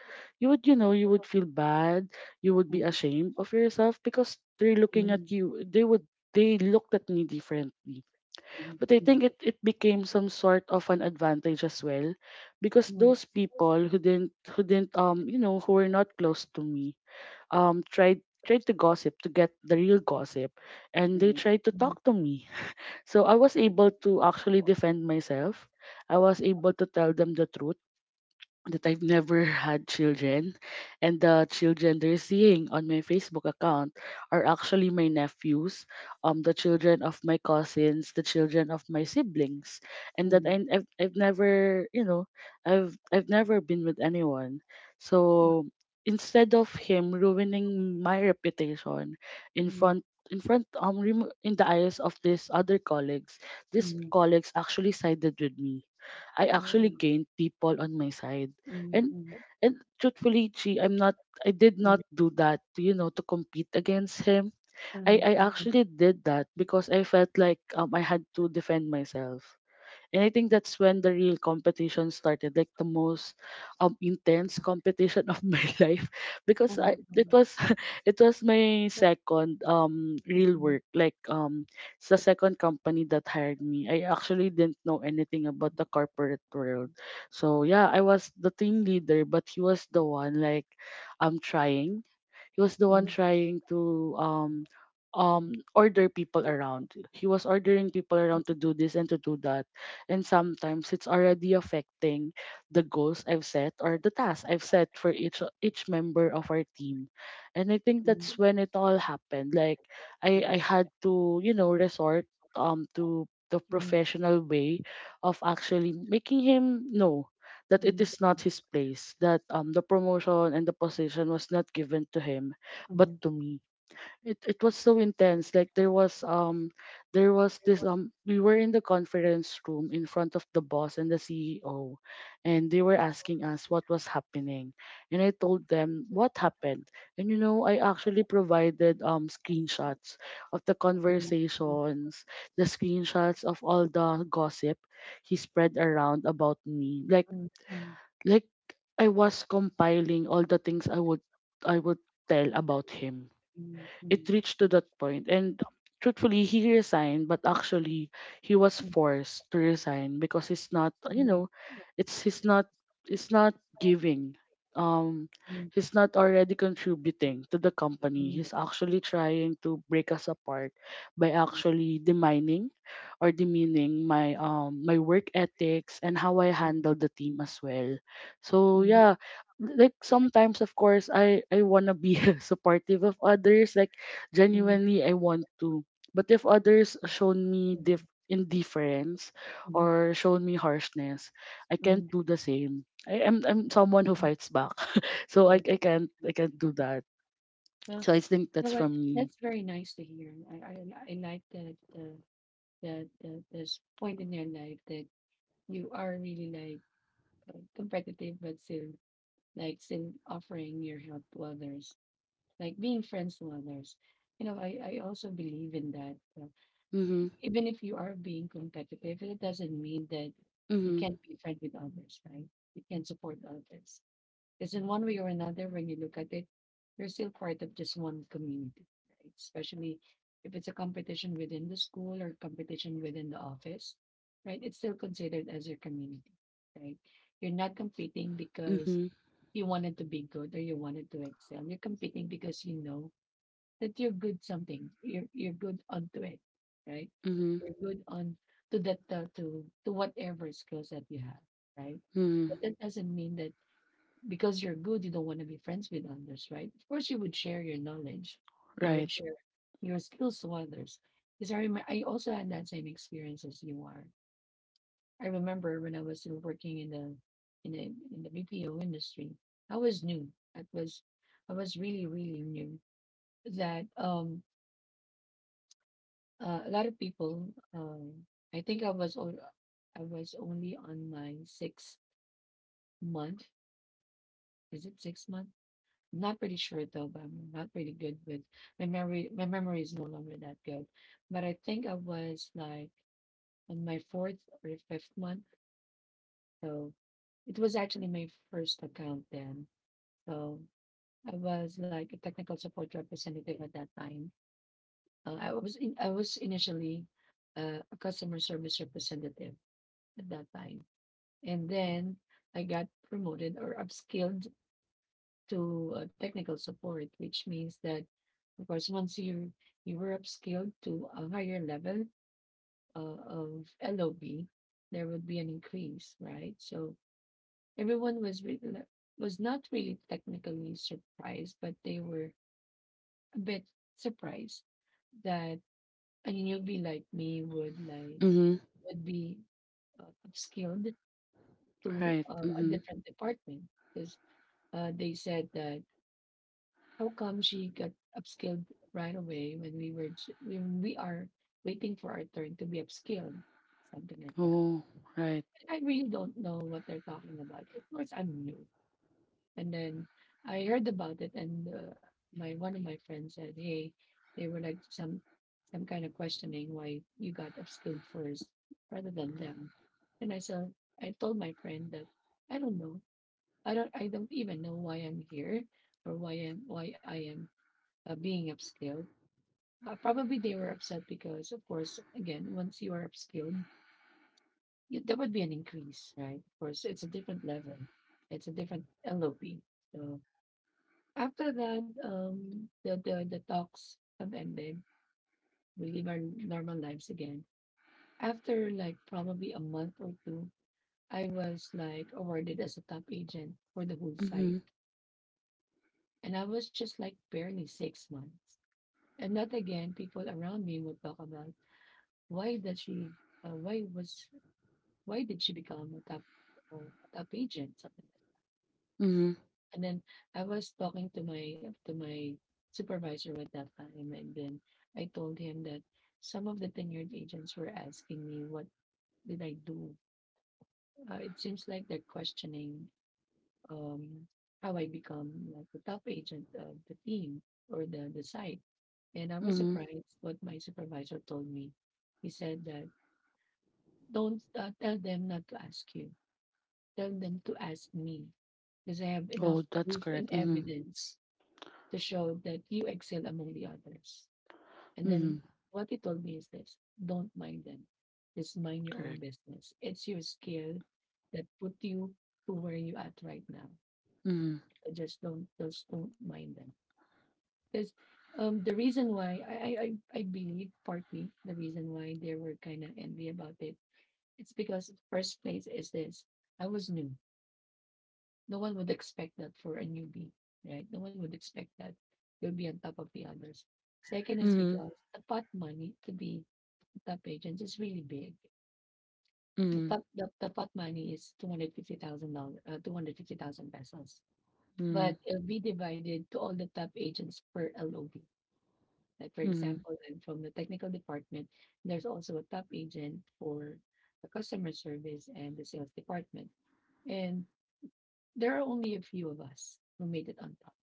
S2: you would, you know, you would feel bad. You would be ashamed of yourself because they're looking
S1: in
S2: at you. They looked at me differently.
S1: the
S2: But I
S1: most
S2: think it became some sort of an advantage as well, because those people who didn't, you know, who were not close to me, tried tried to gossip to get the real gossip, and they tried to talk to me, so I was able to actually defend myself. I was able to tell them the truth that I've never had children, and the children they're seeing on my Facebook account are actually my nephews, the children of my cousins, the children of my siblings, and that I've never, you know, I've never been with anyone. So instead of him ruining my reputation in front in the eyes of these colleagues actually sided with me. I actually gained people on my side. And and truthfully, Chi, I did not do that to, you know, to compete against him. I actually did that because I felt like I had to defend myself. And I think that's when the real competition started, like the most intense competition of my life, because I it was it was my second real work, like it's the second company that hired me. I actually didn't know anything about the corporate world. So yeah, I was the team leader, but he was the one, like, I'm trying he was the one trying to order people around. He was ordering people around to do this and to do that. And sometimes it's already affecting the goals I've set or the tasks I've set for each member of our team. And I think that's when it all happened. Like I had to, you know, resort to the professional way of actually making him know that it is not his place, that the promotion and the position was not given to him, but to me. It was so intense. Like there was this, we were in the conference room in front of the boss and the CEO, and they were asking us what was happening. And I told them what happened. And you know, I actually provided screenshots of the
S1: people do also
S2: conversations, the screenshots of all the gossip he spread around about me.
S1: mhm, mhm,
S2: Like I was compiling all the things I would tell about him. It
S1: mhm,
S2: reached to that point, and truthfully he resigned, but actually he was
S1: mhm,
S2: forced to resign because it's not. It's he's not it's Not giving um
S1: mhm,
S2: he's not already contributing to the company. He's actually trying to break us apart by actually demining or demeaning my my work ethics and how I handle the team as well, so
S1: mhm,
S2: yeah. Like sometimes of course I want to be supportive of others, like
S1: mhm,
S2: genuinely I want to. But if others shown me indifference
S1: mhm, mhm,
S2: or shown me harshness, I
S1: mhm.
S2: can't do the same. I'm someone who fights back, so I
S1: Okay,
S2: can't I can't do that.
S1: well,
S2: So I think
S1: you know
S2: that's
S1: what?
S2: from me.
S1: That's very nice to hear. I like that that there's point in your life that you are really like competitive, but still offering your help to others, like being friends to others. You know, I also believe in that. Uh,
S2: Mhm.
S1: even if you are being competitive, it doesn't mean that you
S2: Mhm.
S1: can't be friend with others, right? You can support others. Because in one way or another, when you look at it, you're still part of just one community, right? Especially if it's a competition within the school or competition within the office, right? It's still considered as your community, right? You're not competing because
S2: Mhm.
S1: you wanted to be good or you wanted to excel. You're competing because you know that you're good something. You're good onto it, right?
S2: Mhm.
S1: You're good on to that to whatever skills that you have, right? But
S2: Mhm.
S1: that doesn't mean that because you're good, you don't want to be friends with others, right? Of course, you would share your knowledge, you would
S2: Right.
S1: share your skills to others. Because I remember, I also had that same experience as you are. I remember when I was still working in the in the BPO industry, I was new. I was I was really really new that uh, a lot of people. Um, I think I was only on my sixth month. Is it 6 month? I'm not pretty sure though, but I'm not really good with my memory. My memory is no longer that good. But I think I was like on my fourth or fifth month. So it was actually my first account then. So I was like a technical support representative at that time. I was initially a customer service representative at that time. And then I got promoted or upskilled to technical support, which means that, of course, once you were upskilled to a higher level of LOB, there would be an increase, right? So everyone was re- le- was not really technically surprised, but they were a bit surprised that a newbie like me would
S2: Mhm.
S1: be upskilled to
S2: Right.
S1: a
S2: Mhm.
S1: different department because they said that, how come she got upskilled right away when when we are waiting for our turn to be upskilled, something like that.
S2: Oh. Right.
S1: I really don't know what they're talking about. Of course, I'm new. And then I heard about it, and my one of my friends said, hey, they were like some kind of questioning why you got upskilled first rather than them. And I said, I told my friend that I don't know. I don't even know why I'm here or why I am being upscaled. Probably they were upset because, of course, again, once you are upscaled, there would be an increase, right? Of course, it's a different level, it's a different LOP. So after that, the talks have ended. We live our normal lives again. After like probably a month or two, I was like awarded as a top agent for the whole site,
S2: Mhm.
S1: and I was just like barely 6 months. And that again, people around me would talk about why did she why was why did she become a top agent, something like
S2: Mhm.
S1: that. And then I was talking to my supervisor at that time. And then I told him that some of the tenured agents were asking me what did I do. Uh, it seems like they're questioning um how I become like the top agent of the team or the site. And I was
S2: Mhm.
S1: surprised what my supervisor told me. He said that, don't tell them not to ask you, tell them to ask me because I have
S2: Oh,
S1: enough
S2: that's
S1: proof
S2: correct.
S1: and
S2: Mhm.
S1: evidence to show that you excel among the others. And
S2: Mhm.
S1: then what he told me is this, don't mind them. Just mind your
S2: Correct.
S1: own business. It's your skill that put you to where you at right now.
S2: Mhm.
S1: So just don't just don't mind them. Because the reason why I believe partly the reason why they were kind of envy about it, it's because first place is this. I was new. No one would expect that for a newbie, right? No one would expect that you'll be on top of the others. Second is
S2: Mhm.
S1: because the pot money to be top agents is really big.
S2: Mhm.
S1: The pot money is $250,000, 250,000 pesos,
S2: Mhm.
S1: but it'll be divided to all the top agents per LOB. Like for
S2: Mhm.
S1: example, I'm from the technical department. There's also a top agent for the customer service and the sales department, and there are only a few of us who made it on top.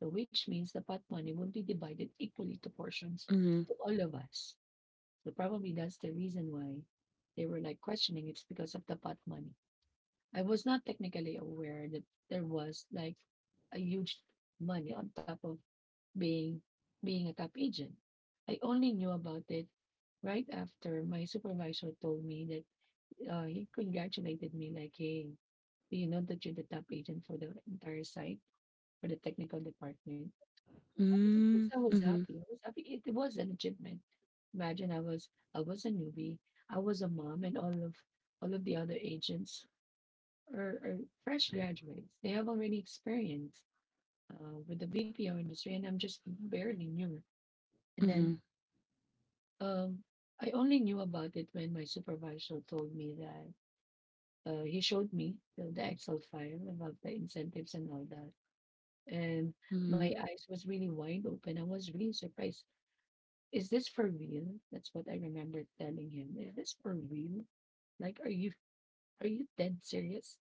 S1: So which means the pot money will be divided equally to portions
S2: Mhm.
S1: to all of us. So probably that's the reason why they were like questioning, it's because of the pot money. I was not technically aware that there was like a huge money on top of being being a top agent. I only knew about it right after my supervisor told me that he congratulated me like, hey, do you know that you're the top agent for the entire site for the technical department? I mean, of course
S2: Mm,
S1: I was
S2: mhm,
S1: happy. I was happy. It was an achievement. Imagine I was a newbie. I was a mom and all of the other agents are fresh graduates. They have already experience with the BPO industry and I'm just barely new. And
S2: mhm,
S1: then um I only knew about it when my supervisor told me that he showed me the Excel file about the incentives and all that. And my
S2: mhm,
S1: eyes was really wide open. I was really surprised. Is this for real? That's what I remember telling him. Is this for real? Like, are you dead serious?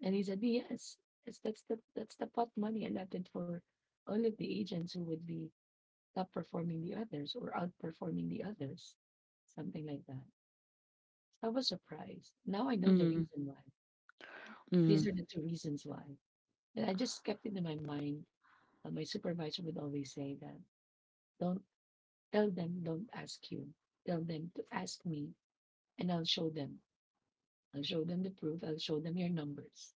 S1: And he said, yes. Yes, that's the pot money allotted for all of the agents who would be top performing the others or outperforming the others. Something like that. I was surprised. Now I know the
S2: mhm,
S1: reason why. These
S2: mhm,
S1: are the two reasons why. And I just kept it in my mind. My supervisor would always say that don't tell them, don't ask you. Tell them to ask me and I'll show them. I'll show them the proof. I'll show them your numbers.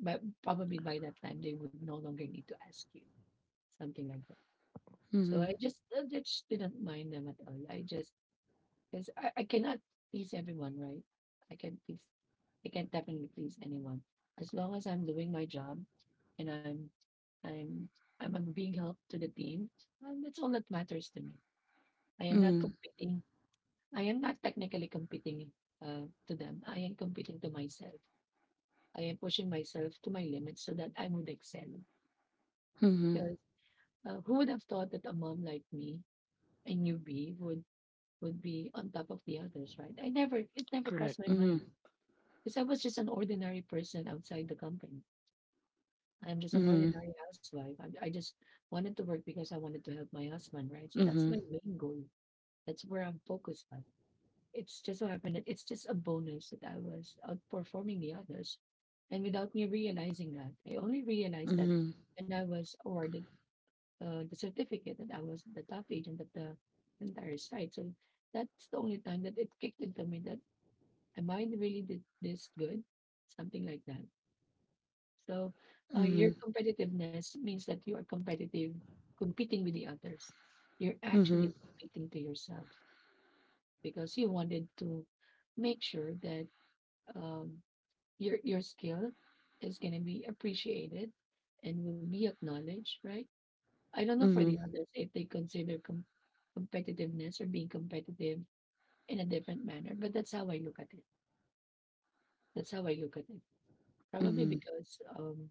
S1: But probably by that time, they would no longer need to ask you, something like that. So
S2: mhm,
S1: I just didn't mind them at all. I just, because I cannot please everyone, right? I can not please, I can not definitely please anyone as long as I'm doing my job and I'm, I'm being help to the team. That's all that matters to me. I am not
S2: mhm,
S1: competing. I am not technically competing to them. I am competing to myself. I am pushing myself to my limits so that I would excel.
S2: mhm.
S1: Because who would have thought that a mom like me, a newbie, would be on top of the others, right? I never, it never crossed
S2: Correct.
S1: my mind
S2: Mhm,
S1: because I was just an ordinary person outside the company. I'm just an
S2: mhm,
S1: ordinary housewife. I just wanted to work because I wanted to help my husband, right? So that's my
S2: mhm,
S1: main goal. That's where I'm focused on. It's just so happened that it's just a bonus that I was outperforming the others. And without me realizing that, I only realized that
S2: mhm,
S1: when I was awarded the certificate that I was the top agent at the entire site. So that's the only time that it kicked into me that am I really did this good? Something like that. So your
S2: mhm,
S1: competitiveness means that you are competitive, competing with the others. You're actually
S2: mhm,
S1: competing to yourself because you wanted to make sure that um, your skill is going to be appreciated and will be acknowledged, right? I don't know for the
S2: mhm,
S1: others if they consider competitiveness or being competitive in a different manner, but that's how I look at it. That's how I look at it. Probably
S2: mhm,
S1: because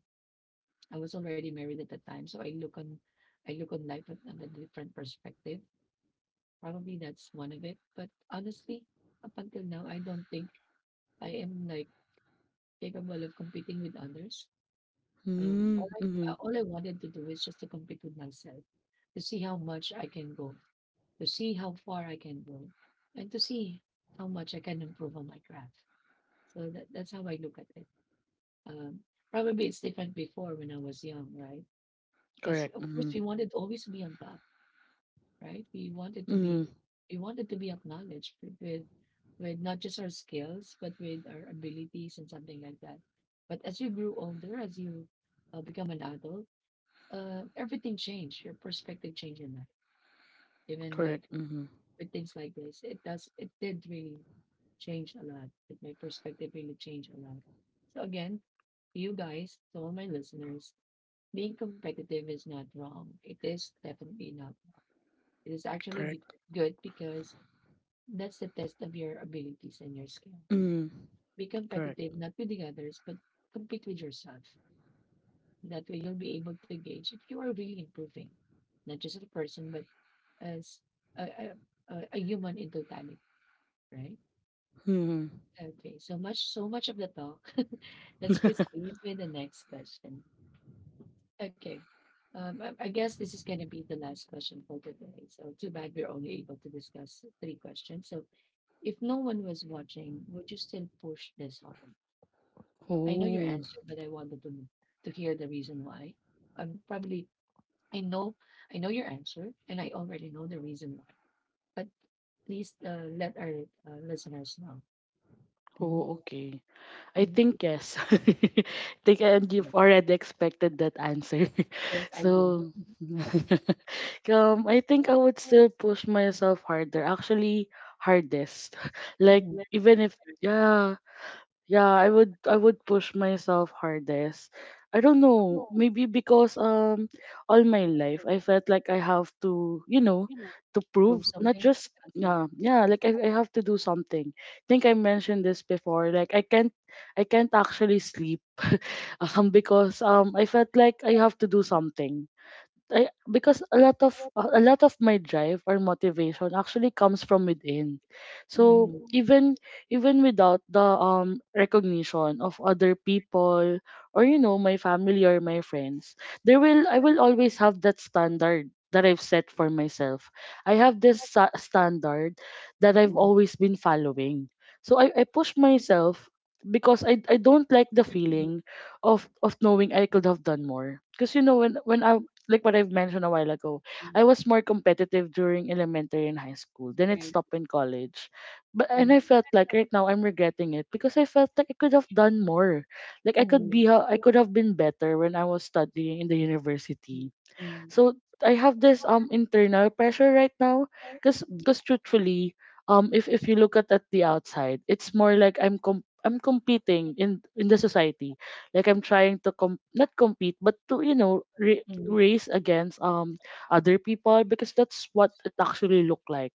S1: I was already married at the time, so I look on life on a different perspective. Probably that's one of it. But honestly, up until now, I don't think I am like capable of competing with others.
S2: mhm, mhm.
S1: All I wanted to do is just to compete with myself, to see how much I can go, to see how far I can go, and to see how much I can improve on my craft. So that's how I look at it. Um, probably it's different before when I was young, right? Because of
S2: Correct.
S1: course we
S2: Mhm,
S1: wanted to always be on top, right? We wanted to be
S2: mhm.
S1: we wanted to be acknowledged with not just our skills but with our abilities and something like that. But as you grew older, as you become an adult, everything changed. Your perspective changed in life. Even like
S2: Correct. Mhm.
S1: with things like this, it does. It did really change a lot. It, my perspective really changed a lot. So again, you guys, to all my listeners, being competitive is not wrong. It is definitely not wrong. It is actually
S2: Correct.
S1: good because that's the test of your abilities and your skill.
S2: Mhm.
S1: Be
S2: Correct.
S1: competitive, not with the others, but compete with yourself. That way you'll be able to gauge if you are really improving, not just as a person, but as a human in totality, right?
S2: Mhm.
S1: Okay, so much, of the talk. Let's proceed with the next question. Okay. I guess this is going to be the last question for today. So too bad we're only able to discuss three questions. So if no one was watching, would you still push this hard? I know your
S2: Oh.
S1: answer, but I wanted to hear the reason why. Probably I know, I know your answer, and I already know the reason why. But please let our listeners know. Mm-hmm.
S2: Oh, okay. I
S1: hmm
S2: think yes. I think, and you've already expected that answer.
S1: Yes, I do. Hmm
S2: So I think I would still push myself harder. Actually hardest. Like even if yeah, yeah, I would push myself hardest. I don't know, maybe because all my life I felt like I have to, you know, to
S1: Prove
S2: prove
S1: something.
S2: not just
S1: Okay. it.
S2: yeah, yeah, like I have to do something. I think I mentioned this before. Like I can't actually sleep because I felt like I have to do something. I because a lot of my drive or motivation actually comes from within.
S1: Mm-hmm.
S2: So even even without the recognition of other people or you know my family or my friends, there will I will always have that standard that I've set for myself. I have this standard
S1: Mm-hmm.
S2: that I've always been following. So I push myself because I don't like the feeling of knowing I could have done more. Because you know when when I, like what I've mentioned a while ago, I was more competitive during elementary and high school.
S1: Right.
S2: Then it stopped in college. But
S1: Mm-hmm.
S2: and I felt like right now I'm regretting it because I felt like I could have done more. Like I
S1: Mm-hmm.
S2: could be I could have been better when I was studying in the university.
S1: Mm-hmm.
S2: So I have this internal pressure right now
S1: Mm-hmm.
S2: because truthfully if you look at the outside, it's more like I'm I'm competing in the society, like I'm trying to not compete but to you know
S1: Mm-hmm.
S2: race against other people because that's what it actually look like.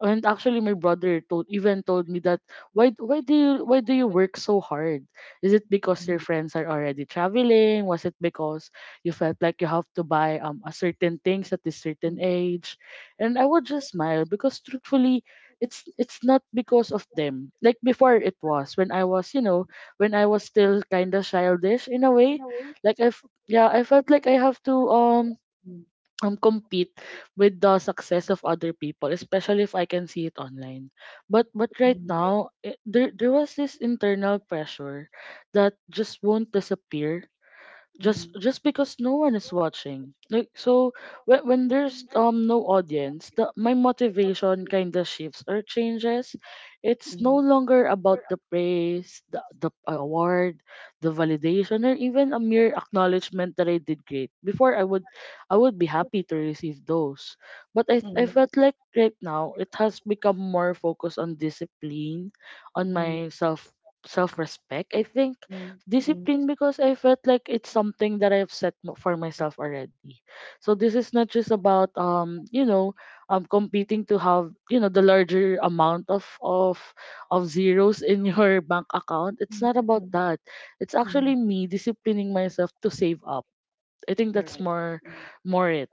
S2: And actually, my brother told even told me that why do you why do you work so hard? Is it because your friends are already traveling? Was it because you felt like you have to buy a certain things at this
S1: Mm-hmm.
S2: certain age? And I would just smile because truthfully, it's not because of them. Like before, it was when I was you know when I was still kind of childish in a way. Like yeah I felt like I have to compete with the success of other people, especially if I can see it online. But
S1: Mm-hmm.
S2: right now, there was this internal pressure that just won't disappear
S1: mm
S2: just because no one is watching like so when there's no audience the my motivation kind of shifts or changes. It's no longer about the praise, the award, the validation, or even a mere acknowledgement that I did great. Before I would I would be happy to receive those, but I felt like right now it has become more focused on discipline, on my self, self respect I think.
S1: mm, mm,
S2: Discipline because I felt like it's something that I've set for myself already. So this is not just about you know competing to have you know the larger amount of zeros in your bank
S1: mm,
S2: account. It's
S1: mm,
S2: not about that. It's
S1: Mhm.
S2: actually me disciplining myself to save up. I
S1: Correct.
S2: think that's
S1: Mm.
S2: more, more it.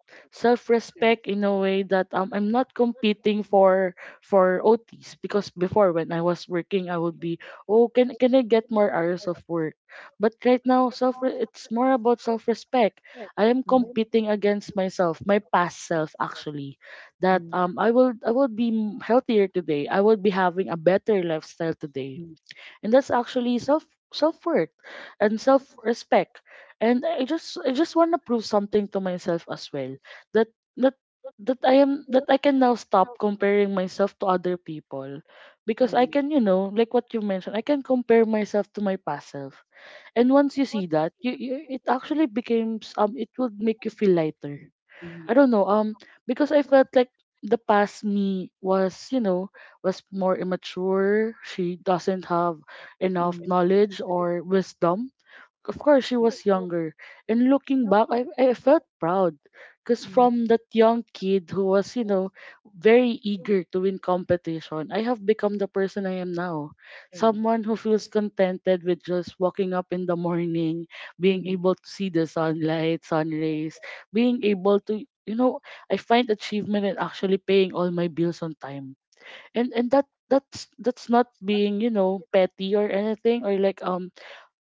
S1: Correct.
S2: Self-respect in a way that I'm not competing for OTs because before when I was working I would be oh can I get more hours of work? But right now self it's more about self-respect. I am
S1: Mm.
S2: competing against myself, my past self actually.
S1: Mm.
S2: That I will be healthier today. I will be having a better lifestyle
S1: Mm.
S2: today, and that's actually self, self worth and self respect. And I just want to prove something to myself as well, that that that I am, that I can now stop comparing myself to other people,
S1: Right.
S2: because I can, you know, like what you mentioned, I can compare myself to my past self. And once you see that, you it actually becomes it would make you feel lighter.
S1: Mm.
S2: I don't know. Because I felt like the past me was, you know, was more immature. She doesn't have
S1: Mm.
S2: enough knowledge or wisdom. Of course, she was younger. And looking back, I felt proud.
S1: Mm.
S2: Because from that young kid who was, you know, very eager to win competition, I have become the person I am now. Someone who feels contented with just waking up in the morning, being able to see the sunlight, sun rays, being able to, you know, I find achievement in actually paying all my bills on time. And that's not being, you know, petty or anything,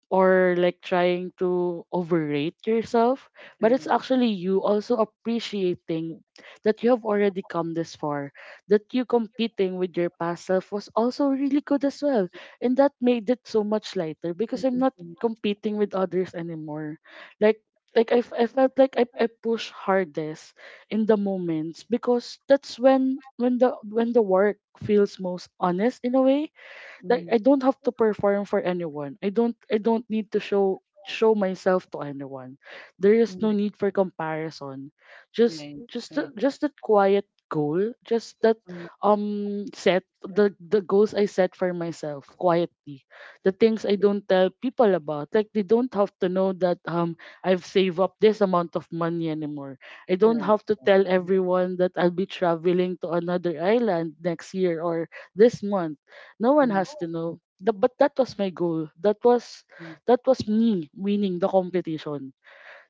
S2: or like trying to overrate yourself,
S1: Correct.
S2: but it's actually you also appreciating that you have already come this far, that you competing with your past self was also really good as well. And that made it so much
S1: Mm.
S2: lighter because I'm
S1: Sí.
S2: not competing with others anymore. Like, like I felt like I push hardest in the moments because that's when when the work feels most honest in a way.
S1: Mm. Right.
S2: Like I don't have to perform for anyone. I don't need to show myself to anyone.
S1: Mm. Mm. Mm.
S2: There
S1: Mm.
S2: is no need for comparison.
S1: Right.
S2: Just just that quiet goal, just
S1: Right.
S2: that set the goals I set for myself quietly. The things I don't tell people about. Like they don't have to know that I've saved up this amount of money anymore.
S1: Correct,
S2: I don't have to
S1: yeah.
S2: tell everyone that I'll be traveling to another island next year or this month.
S1: Mm.
S2: No one has to know. But that was my goal. That
S1: Mm,
S2: was me winning the competition.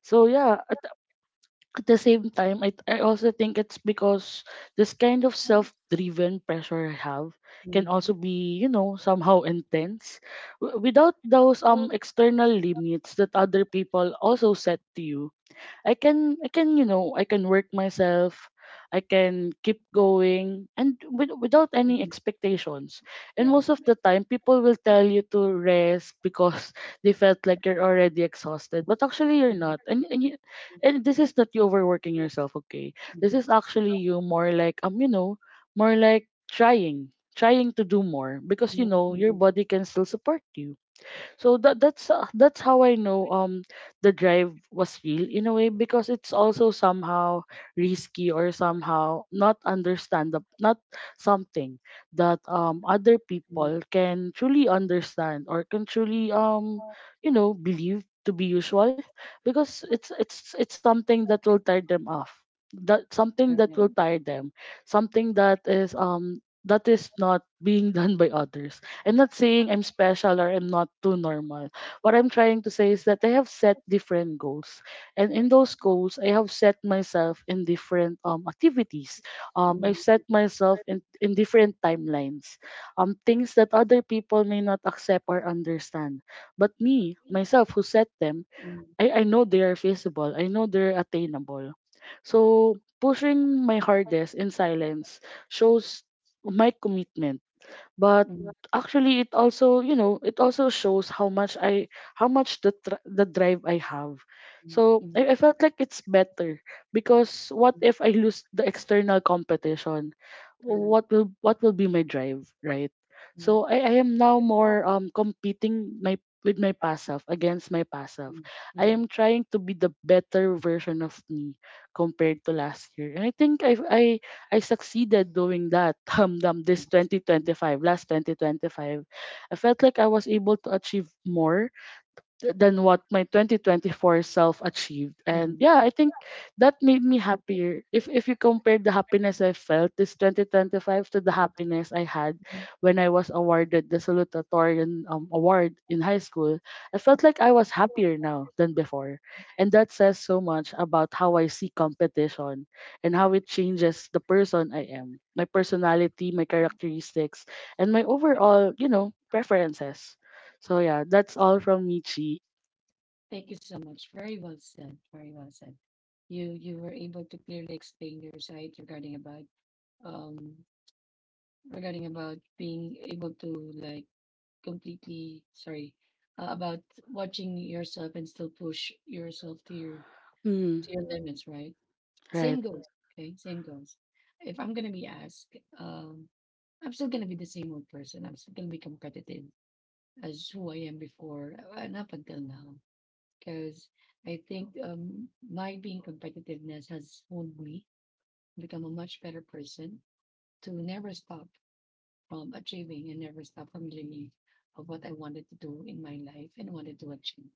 S2: So yeah, at the same time, I also think it's because this kind of self-driven pressure I have
S1: mm.
S2: can also be you know somehow intense, without those external limits that other people also set to you. I can you know I can work myself. I can keep going and with, without any expectations.
S1: Right.
S2: And most of the time, people will tell you to rest because they felt like you're already exhausted, but
S1: Mhm.
S2: actually you're not. And and this is not you overworking yourself. Okay, this is actually you more like you know more like trying to do more because you know your body can still support you. So that that's how I know the drive was real in a way because it's also somehow risky or somehow not understandable, not something that other
S1: Mhm.
S2: people can truly understand or can truly you know believe to be usual. Because it's it's something that will tire them off, that something that will tire them, something that is not being done by others. I'm not saying I'm special or I'm not too normal. What I'm trying to say is that I have set different goals. And in those goals, I have set myself in different activities. I've
S1: Mm,
S2: set myself in different timelines. Things that other people may not accept or understand. But me, myself, who set them, I know they are feasible. I know they're attainable. So pushing my hardest in silence shows my commitment, but actually it also you know it also shows how much the the drive I have.
S1: mhm.
S2: So I felt like it's better. Because
S1: Mm,
S2: what if I lose the external competition,
S1: correct.
S2: what will be my drive, right?
S1: Hmm.
S2: So I am now more competing my with my past self, against my past
S1: Hmm. Hmm. Hmm. Hmm. mm,
S2: self.
S1: correct. Mm, mm,
S2: I
S1: mm,
S2: am trying to be the better version of me compared to last year. And I think I I succeeded doing that.
S1: yeah,
S2: This 2025, last 2025. I felt like I was able to achieve more than what my 2024 self achieved. And
S1: mm,
S2: yeah
S1: mm,
S2: I think that made me happier. If you compare the happiness I felt this 2025 to the happiness I had
S1: mm.
S2: when I was awarded the salutatorian award in high school, I felt like I was happier now than before. And that says so much about how I see competition, and how it changes the person I am, my personality, my characteristics, and my overall you know preferences. So yeah, that's all from Michi.
S1: Thank you so much. Very well said. Very well said. You were able to clearly explain your side um regarding about being able to like completely sorry about watching yourself and still push yourself to your
S2: Mm,
S1: limits, right? Same
S2: right.
S1: goes. Okay, same goes. If I'm gonna be asked, I'm still gonna be the same old person. I'm still gonna be competitive as who I am before and up until now. Because I think my being competitiveness has honed me become a much better person to never stop from achieving and never stop from dreaming of what I wanted to do in my life and wanted to achieve,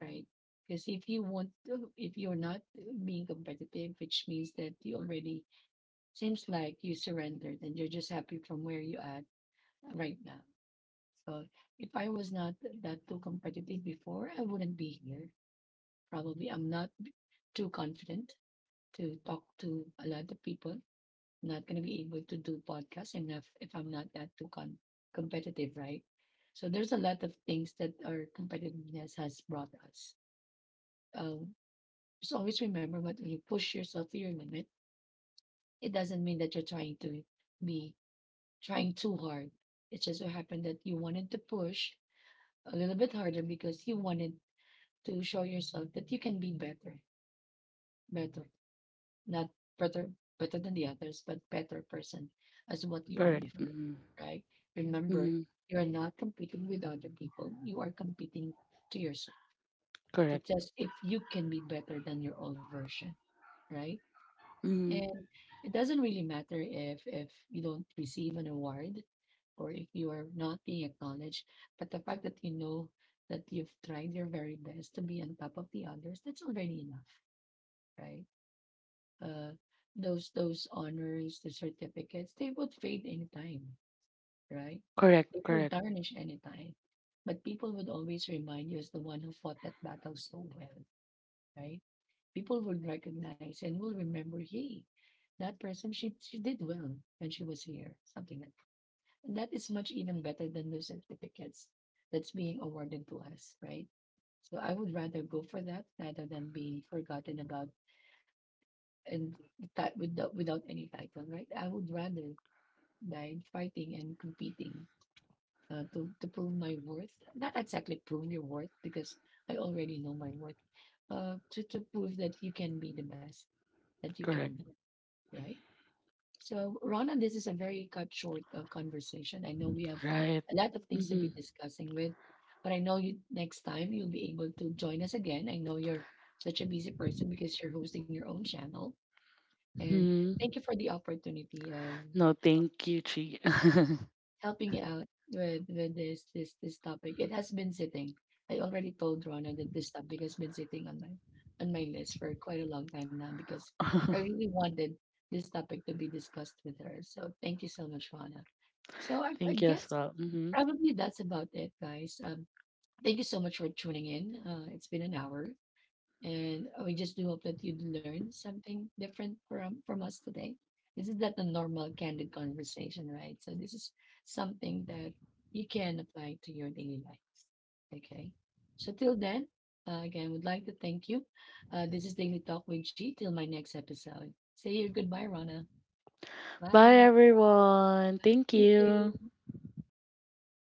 S1: right? Because if you want to, if you're not being competitive, which means that you already seems like you surrendered and you're just happy from where you at right now. So if I was not that too competitive before, I wouldn't be here. Probably I'm not too confident to talk to a lot of people, not going to be able to do podcasts enough if I'm not that too competitive, right? So there's a lot of things that our competitiveness has brought us. Um, just always remember what when you push yourself to your limit, it doesn't mean that you're trying to be trying too hard. It just so happened that you wanted to push a little bit harder because you wanted to show yourself that you can be better, better. Not better, better than the others, but better person as what you are Mhm.
S2: Correct.
S1: before,
S2: Mm,
S1: right? Remember,
S2: mm,
S1: you are not competing with other people. You are competing to yourself to
S2: correct.
S1: test if you can be better than your old version, right?
S2: Mm,
S1: And it doesn't really matter if you don't receive an award or if you are not being acknowledged, but the fact that you know that you've tried your very best to be on top of the others, that's already enough, right? Uh, those honors, the certificates, they would fade anytime, right?
S2: correct.
S1: They would
S2: Correct.
S1: tarnish anytime. But people would always remind you as the one who fought that battle so well, right? People would recognize and will remember, hey, that person, she did well when she was here, something like that. And that is much even better than those certificates that's being awarded to us, right? So I would rather go for that rather than being forgotten about and that without any title, right? I would rather die fighting and competing to prove my worth. Not exactly prove your worth because I already know my worth. To prove that you can be the best that you can
S2: Correct.
S1: be, right? So, Rana, this is a very cut short conversation. I know we have
S2: Right.
S1: a lot of things to
S2: Mm-hmm.
S1: be discussing with, but I know you next time you'll be able to join us again. I know you're such a busy person because you're hosting your own channel, and thank
S2: Hmm.
S1: you for the opportunity of
S2: No, thank you, Chi.
S1: helping out with this topic. It has been sitting. I already told Rona that this topic has been sitting on my list for quite a long time now because I really wanted this topic to be discussed with her. So thank you so much, Rona. So I
S2: Thank you as
S1: guess
S2: well. Hmm.
S1: probably that's about it, guys. Thank you so much for tuning in. It's been an hour. And we just do hope that you learn something different from us today. This is not a normal candid conversation, right? So this is something that you can apply to your daily life. Okay. So till then, again, would like to thank you. This is Daily Talk with G. Till my next episode. Say your goodbye, Rana.
S2: Bye,
S1: Bye.
S2: everyone. Thank
S1: Thank
S2: you.
S1: you.